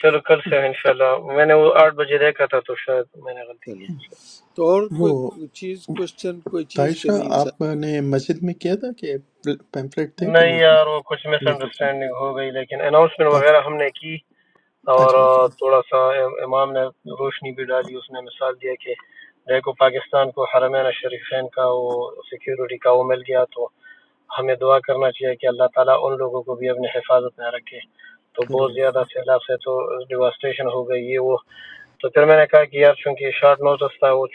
چلو کل سے انشاءاللہ میں نے وہ آٹھ بجے دیکھا تھا تو شاید میں نے غلطی کی چلے تو اور وہ کوئی چیز کوشچن کوئی چیز کہ تائشہ نہیں آپ نے مسجد میں کیا تھا کہ پیمفلیٹ تھے کہ نہیں نہیں تھے یار وہ کچھ مس نہیں کر سکتے۔ انڈرسٹینڈنگ ہو گئی لیکن اناؤنسمنٹ اچھا وغیرہ ہم نے کی اور اچھا اچھا تھوڑا سا امام نے روشنی بھی ڈالی اس نے مثال دیا کہ دیکھو پاکستان کو حرمین شریفین کا وہ سیکیورٹی کا وہ مل گیا تو ہمیں دعا کرنا چاہیے کہ اللہ تعالیٰ ان لوگوں کو بھی اپنی حفاظت میں رکھے تو بہت رائٹ زیادہ سیلاب سے تو ڈیواسٹیشن ہو گئی یہ وہ تو پھر میں نے کہا کہ یار چونکہ شارٹ نوٹس تھا وہ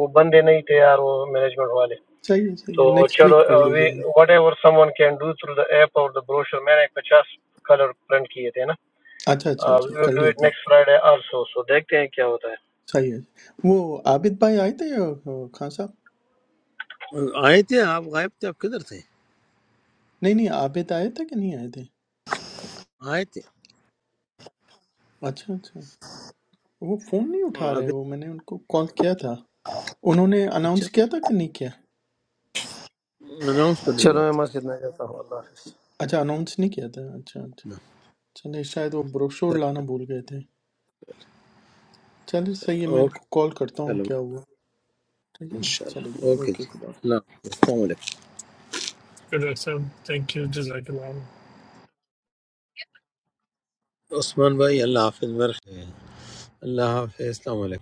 وہ بندے نہیں تھے یار وہ مینجمنٹ والے صحیح ہے صحیح ہے تو نیکسٹ چلو ویک کر لیجیے وی گا whatever someone can do through the app اور دا بروشر میں نے پچاس کلر پرنٹ کیے تھے نا اچھا اچھا اچھا ویل کر ڈو اٹ لیتے ہیں۔ نیکسٹ فرائیڈے آلسو سو دیکھتے ہیں کیا ہوتا ہے صحیح ہے وہ عابد بھائی آئے تھے یا خان صاحب چل آئے تھے آپ غائب تھے آپ کدھر تھے نہیں نہیں عابد آئے تھے کہ نہیں آئے تھے آئے تھے اچھا اچھا وہ فون نہیں اٹھا رہے ابھی وہ میں نے ان کو کال کیا تھا انہوں نے اچھا اناؤنس کیا تھا کہ نہیں کیا اناؤنس تو نہیں چلو ہوا میں تھا مسجد میں جاتا ہوں اللہ حافظ اچھا اناؤنس نہیں کیا تھا اچھا اچھا نا۔ چلے شاید وہ بروشور چل، لانا بھول گئے تھے چلے چل، صحیح ہے میں ان کو اوکے کال کرتا ہوں چلو کیا ہوا ٹھیک ہے نا چلے انشاءاللہ جی اوکے اوکے جی خدا حافظ اللہ حافظ۔ السلام علیکم तो डॉक्टर साहब थैंक यू जजाकल्ला عثمان بھائی اللہ حافظ برخ اللہ حافظ السلام علیکم